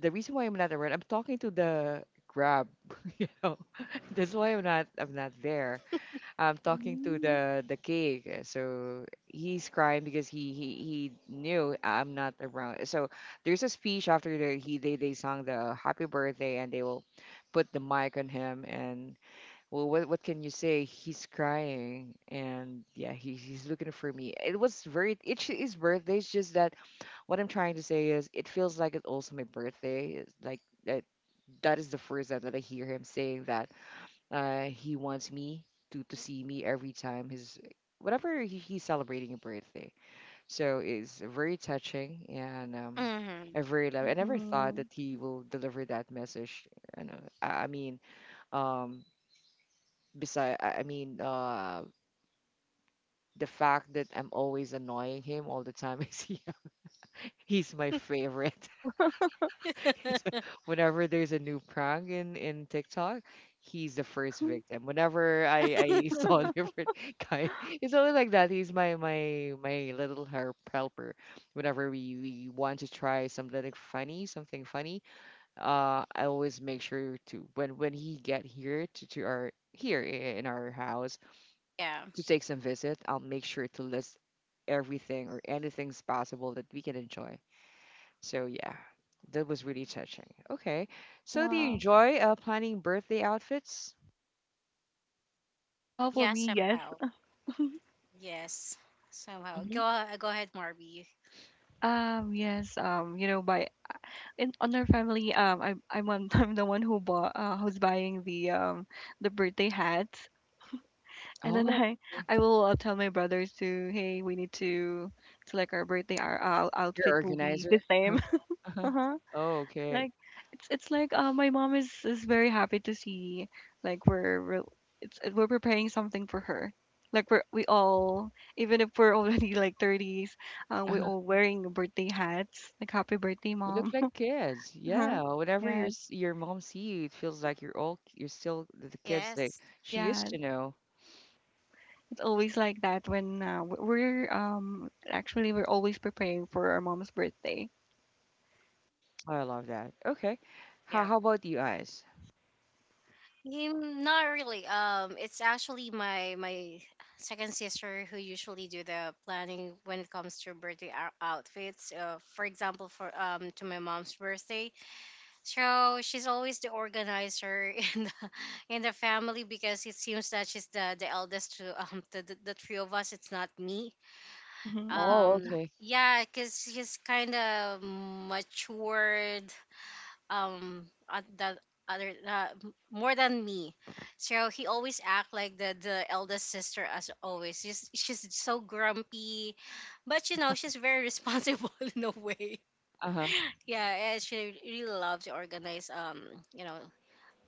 [SPEAKER 1] the reason why I'm not around, I'm talking to the Grab. You know, that's why I'm not there. I'm talking to
[SPEAKER 2] Mhm.
[SPEAKER 1] the cake. So he's crying because he knew I'm not around. So there's a speech after the he they sang the happy birthday, and they will put the mic on him. And well, what can you say? He's crying and yeah, he's looking for me. It was very it's his birthday. It's just that what I'm trying to say is it feels like it's also my birthday. It's like that that is the first time that I hear him saying that he wants me to see me every time his, whatever, he's celebrating a birthday. So it's very touching, and
[SPEAKER 3] Mm-hmm.
[SPEAKER 1] I very love. I never thought
[SPEAKER 2] Mhm.
[SPEAKER 1] that he will deliver that message. You know, I mean, um, beside I I mean, uh, the fact that I'm always annoying him all the time is he, he's my favorite. Whenever there's a new prank in TikTok, he's the first victim. Whenever I saw a different guy, it's always like that. He's my little helper. Whenever we want to try something like funny, something funny, I always make sure to when he get here to in our house
[SPEAKER 3] Yeah.
[SPEAKER 1] to take some visit, I'll make sure to list everything or anything's possible that we can enjoy. So yeah, that was really touching. Okay. So do you
[SPEAKER 2] Wow.
[SPEAKER 1] enjoy planning birthday outfits?
[SPEAKER 2] Well, for
[SPEAKER 3] Yeah.
[SPEAKER 2] me, yes.
[SPEAKER 3] Somehow. Yes. Somehow.
[SPEAKER 1] Hmm
[SPEAKER 3] Go. Go ahead, Marby.
[SPEAKER 2] Yes. You know, by in on our family, I'm one, I'm the one who's buying the birthday hats, and then
[SPEAKER 1] Oh,
[SPEAKER 2] I will tell my brothers to hey we need to like our birthday our
[SPEAKER 1] you're
[SPEAKER 2] outfit will be
[SPEAKER 1] organizer.
[SPEAKER 2] the
[SPEAKER 1] Uh-huh.
[SPEAKER 2] same.
[SPEAKER 1] Uh-huh.
[SPEAKER 2] Uh huh.
[SPEAKER 1] Oh, okay.
[SPEAKER 2] Like it's like my mom is very happy to see like we're re- it's we're preparing something for her like we all even if we're already like 30s we're
[SPEAKER 1] Uh-huh.
[SPEAKER 2] all wearing birthday hats like happy birthday
[SPEAKER 1] You look
[SPEAKER 2] mom.
[SPEAKER 1] like kids.
[SPEAKER 2] Huh.
[SPEAKER 1] Yeah. Whenever
[SPEAKER 2] Yes.
[SPEAKER 1] your mom see you, it feels like you're all you're still the kids that
[SPEAKER 3] Yes.
[SPEAKER 1] she used
[SPEAKER 2] Yeah,
[SPEAKER 1] to know.
[SPEAKER 2] it's always like that when w- we're actually we're always preparing for our mom's birthday.
[SPEAKER 1] Oh, I love that. Okay.
[SPEAKER 3] Yeah.
[SPEAKER 1] How about you guys?
[SPEAKER 3] Mm, not really. It's actually my second sister who usually do the planning when it comes to birthday outfits. For example, for to my mom's birthday, so she's always the organizer in the family because it seems that she's the eldest to the three of us. It's not me.
[SPEAKER 2] Mhm, mhm,
[SPEAKER 1] Oh, okay.
[SPEAKER 3] Yeah, because she's kind of matured um at that other more than me, so he always act like the eldest sister. As always, she's so grumpy, but you know she's very responsible in a way.
[SPEAKER 1] Uh-huh.
[SPEAKER 3] Yeah, and she really loves to organize, um, you know,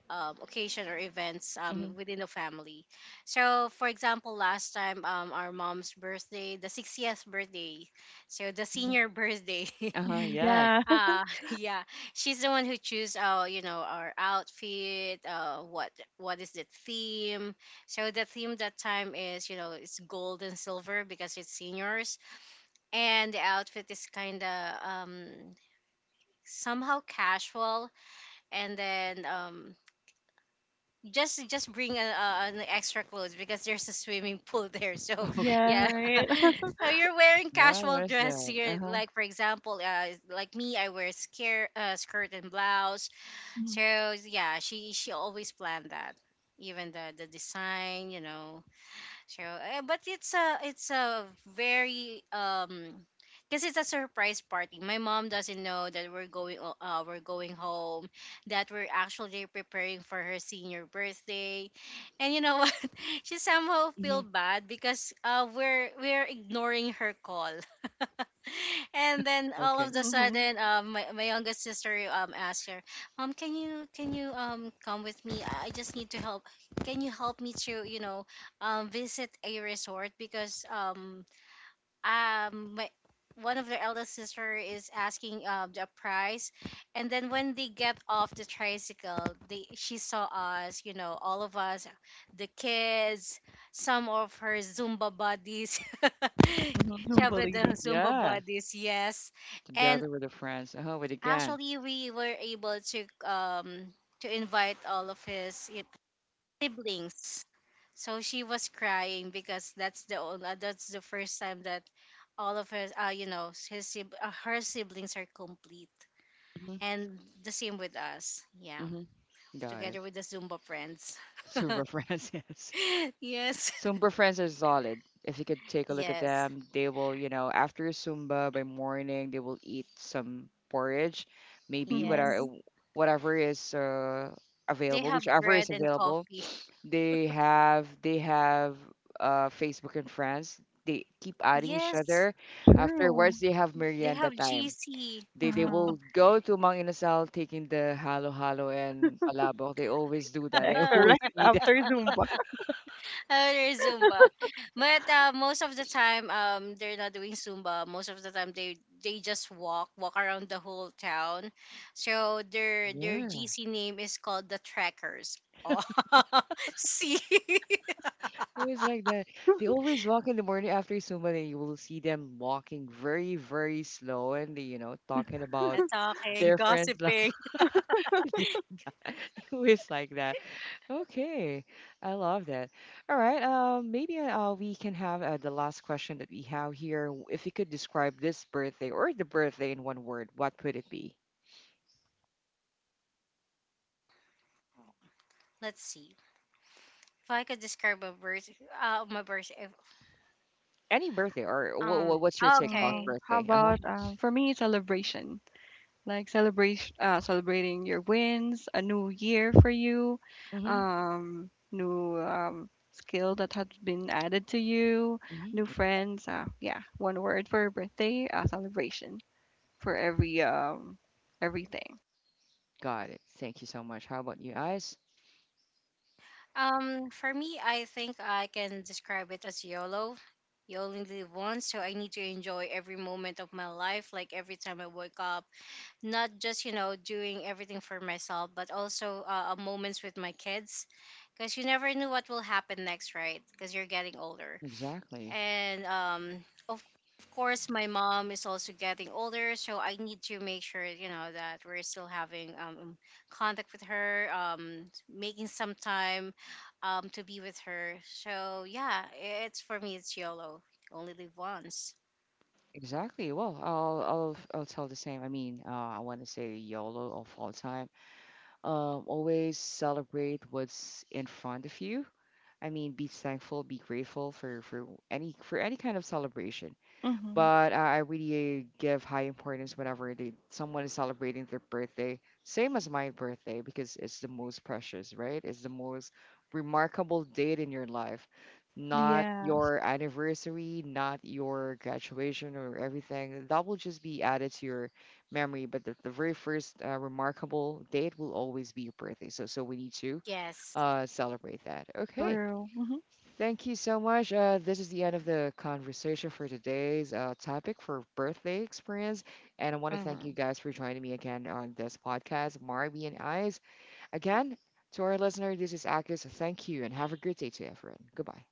[SPEAKER 3] occasion or events,
[SPEAKER 1] hmm
[SPEAKER 3] within the family. So for example last time, our mom's birthday, the 60th birthday, so the
[SPEAKER 1] hmm
[SPEAKER 3] senior birthday.
[SPEAKER 1] Uh-huh.
[SPEAKER 2] mhm.
[SPEAKER 1] Yes.
[SPEAKER 2] Yeah.
[SPEAKER 3] Ah, yeah. She's the one who choose, you know, our outfit, uh, what is the theme. So the theme that time is, you know, it's gold and silver because it's seniors, and the outfit is kind of somehow casual, and then just bring an extra clothes because there's a swimming pool there. So,
[SPEAKER 1] Okay.
[SPEAKER 2] Yeah,
[SPEAKER 3] yeah.
[SPEAKER 2] right.
[SPEAKER 3] So you're wearing
[SPEAKER 1] Yeah,
[SPEAKER 3] casual
[SPEAKER 1] where's
[SPEAKER 3] dress
[SPEAKER 1] that?
[SPEAKER 3] here
[SPEAKER 1] Uh-huh.
[SPEAKER 3] like for example, uh, like me I wear scare, skirt and blouse.
[SPEAKER 2] Mhm,
[SPEAKER 3] So yeah, she always planned that. Even the design, you know, true. Eh, but it's a very because it's a surprise party. My mom doesn't know that we're going home, that we're actually preparing for her senior birthday. And you know what? She somehow feel
[SPEAKER 1] hmm
[SPEAKER 3] bad because we're ignoring her call. And then all of
[SPEAKER 1] Okay.
[SPEAKER 3] the
[SPEAKER 2] mhm,
[SPEAKER 3] sudden my youngest sister asked her, "Mom, can you come with me? I just need to help. Can you help me to, you know, visit a resort because my one of their eldest sister is asking the price." And then when they get off the tricycle, they she saw us, you know, all of us, the kids, some of her Zumba buddies.
[SPEAKER 2] mhm.
[SPEAKER 1] hmm
[SPEAKER 3] She
[SPEAKER 2] Some
[SPEAKER 3] have the
[SPEAKER 2] ladies.
[SPEAKER 3] Zumba
[SPEAKER 1] Yeah.
[SPEAKER 3] buddies, yes. And
[SPEAKER 1] Together with the friends. Oh, with the gang.
[SPEAKER 3] actually we were able to, um, to invite all of his siblings. So she was crying because that's that's the first time that all of her, you know, her siblings are complete.
[SPEAKER 1] Mm-hmm.
[SPEAKER 3] And the same with us. Yeah.
[SPEAKER 1] Mm-hmm. Got it.
[SPEAKER 3] Together with the Zumba friends.
[SPEAKER 1] Super friends, yes.
[SPEAKER 3] Yes.
[SPEAKER 1] Zumba friends are solid. If you could take a look at
[SPEAKER 3] Yes.
[SPEAKER 1] them, they will, you know, after Zumba by morning, they will eat some porridge, maybe
[SPEAKER 2] Mhm,
[SPEAKER 1] whatever
[SPEAKER 3] Yes.
[SPEAKER 2] mhm.
[SPEAKER 1] whatever is
[SPEAKER 3] They
[SPEAKER 1] available,
[SPEAKER 3] have
[SPEAKER 1] whichever is
[SPEAKER 3] bread and
[SPEAKER 1] available.
[SPEAKER 3] coffee.
[SPEAKER 1] They have Facebook and friends. They keep adding each
[SPEAKER 3] Yes.
[SPEAKER 1] other.
[SPEAKER 2] True.
[SPEAKER 1] Afterwards, they have
[SPEAKER 3] They
[SPEAKER 1] merienda
[SPEAKER 3] have
[SPEAKER 1] time.
[SPEAKER 3] GC.
[SPEAKER 1] They
[SPEAKER 2] Uh-huh.
[SPEAKER 1] will go to Mang Inasal taking the halo-halo and palabok. They always do
[SPEAKER 2] The
[SPEAKER 1] that. I
[SPEAKER 2] extra rice
[SPEAKER 1] always see them.
[SPEAKER 2] after Zumba.
[SPEAKER 3] Oh, there's Zumba. But most of the time, they're not doing Zumba. Most of the time, they just walk, walk around the whole town. So their
[SPEAKER 1] Yeah,
[SPEAKER 3] GC name is called the Trackers. Oh, see,
[SPEAKER 1] always like that. They always walk in the morning after Zumba, and you will see them walking very, very slow and they, you know, talking about
[SPEAKER 3] talking,
[SPEAKER 1] their friends. Love.
[SPEAKER 3] gossiping.
[SPEAKER 1] Always like that. Okay, I love that. All right, maybe we can have the last question that we have here. If you could describe this birthday or the birthday in one word, what would it be?
[SPEAKER 3] Let's see if I could describe a birth. My birth. If,
[SPEAKER 1] Any birthday or what,
[SPEAKER 3] um.
[SPEAKER 1] what's your take about
[SPEAKER 3] Okay.
[SPEAKER 2] How
[SPEAKER 1] birthday? Uh-huh.
[SPEAKER 2] about for me celebration, like celebration, celebrating your wins, a new year for you,
[SPEAKER 1] Mhm.
[SPEAKER 2] new skill that has been added to you,
[SPEAKER 1] Mhm.
[SPEAKER 2] new friends. Yeah, one word for birthday, celebration for every everything.
[SPEAKER 1] Got it. Thank you so much. How about you guys?
[SPEAKER 3] For me, I think I can describe it as YOLO. You only live once, so I need to enjoy every moment of my life, like every time I wake up. Not just, you know, doing everything for myself, but also moments with my kids. Because you never knew what will happen next, right? Because you're getting older,
[SPEAKER 1] Exactly.
[SPEAKER 3] and of course my mom is also getting older, so I need to make sure, you know, that we're still having contact with her, um, making some time to be with her. So yeah, it's for me it's YOLO, only live once.
[SPEAKER 1] Exactly. Well, I'll tell the same. I mean, I want to say YOLO of all time. Always celebrate what's in front of you. I mean, be thankful, be grateful for for any kind of celebration.
[SPEAKER 2] Mm-hmm.
[SPEAKER 1] But I really give high importance whenever they, someone is celebrating their birthday, same as my birthday, because it's the most precious, right? It's the most remarkable date in your life, not
[SPEAKER 2] Yeah,
[SPEAKER 1] your anniversary, not your graduation or everything. That will just be added to your memory, but the very first remarkable date will always be your birthday. So, so we need to
[SPEAKER 3] Yes.
[SPEAKER 1] celebrate that. Okay.
[SPEAKER 2] true. Mhm.
[SPEAKER 1] Thank you so much. This is the end of the conversation for today's topic for birthday experience. And I want to thank you
[SPEAKER 3] Hmm.
[SPEAKER 1] guys for joining me again on this podcast, Marby and Eyes. Again, to our listener, this is Akis. Thank you and have a great day to everyone. Goodbye.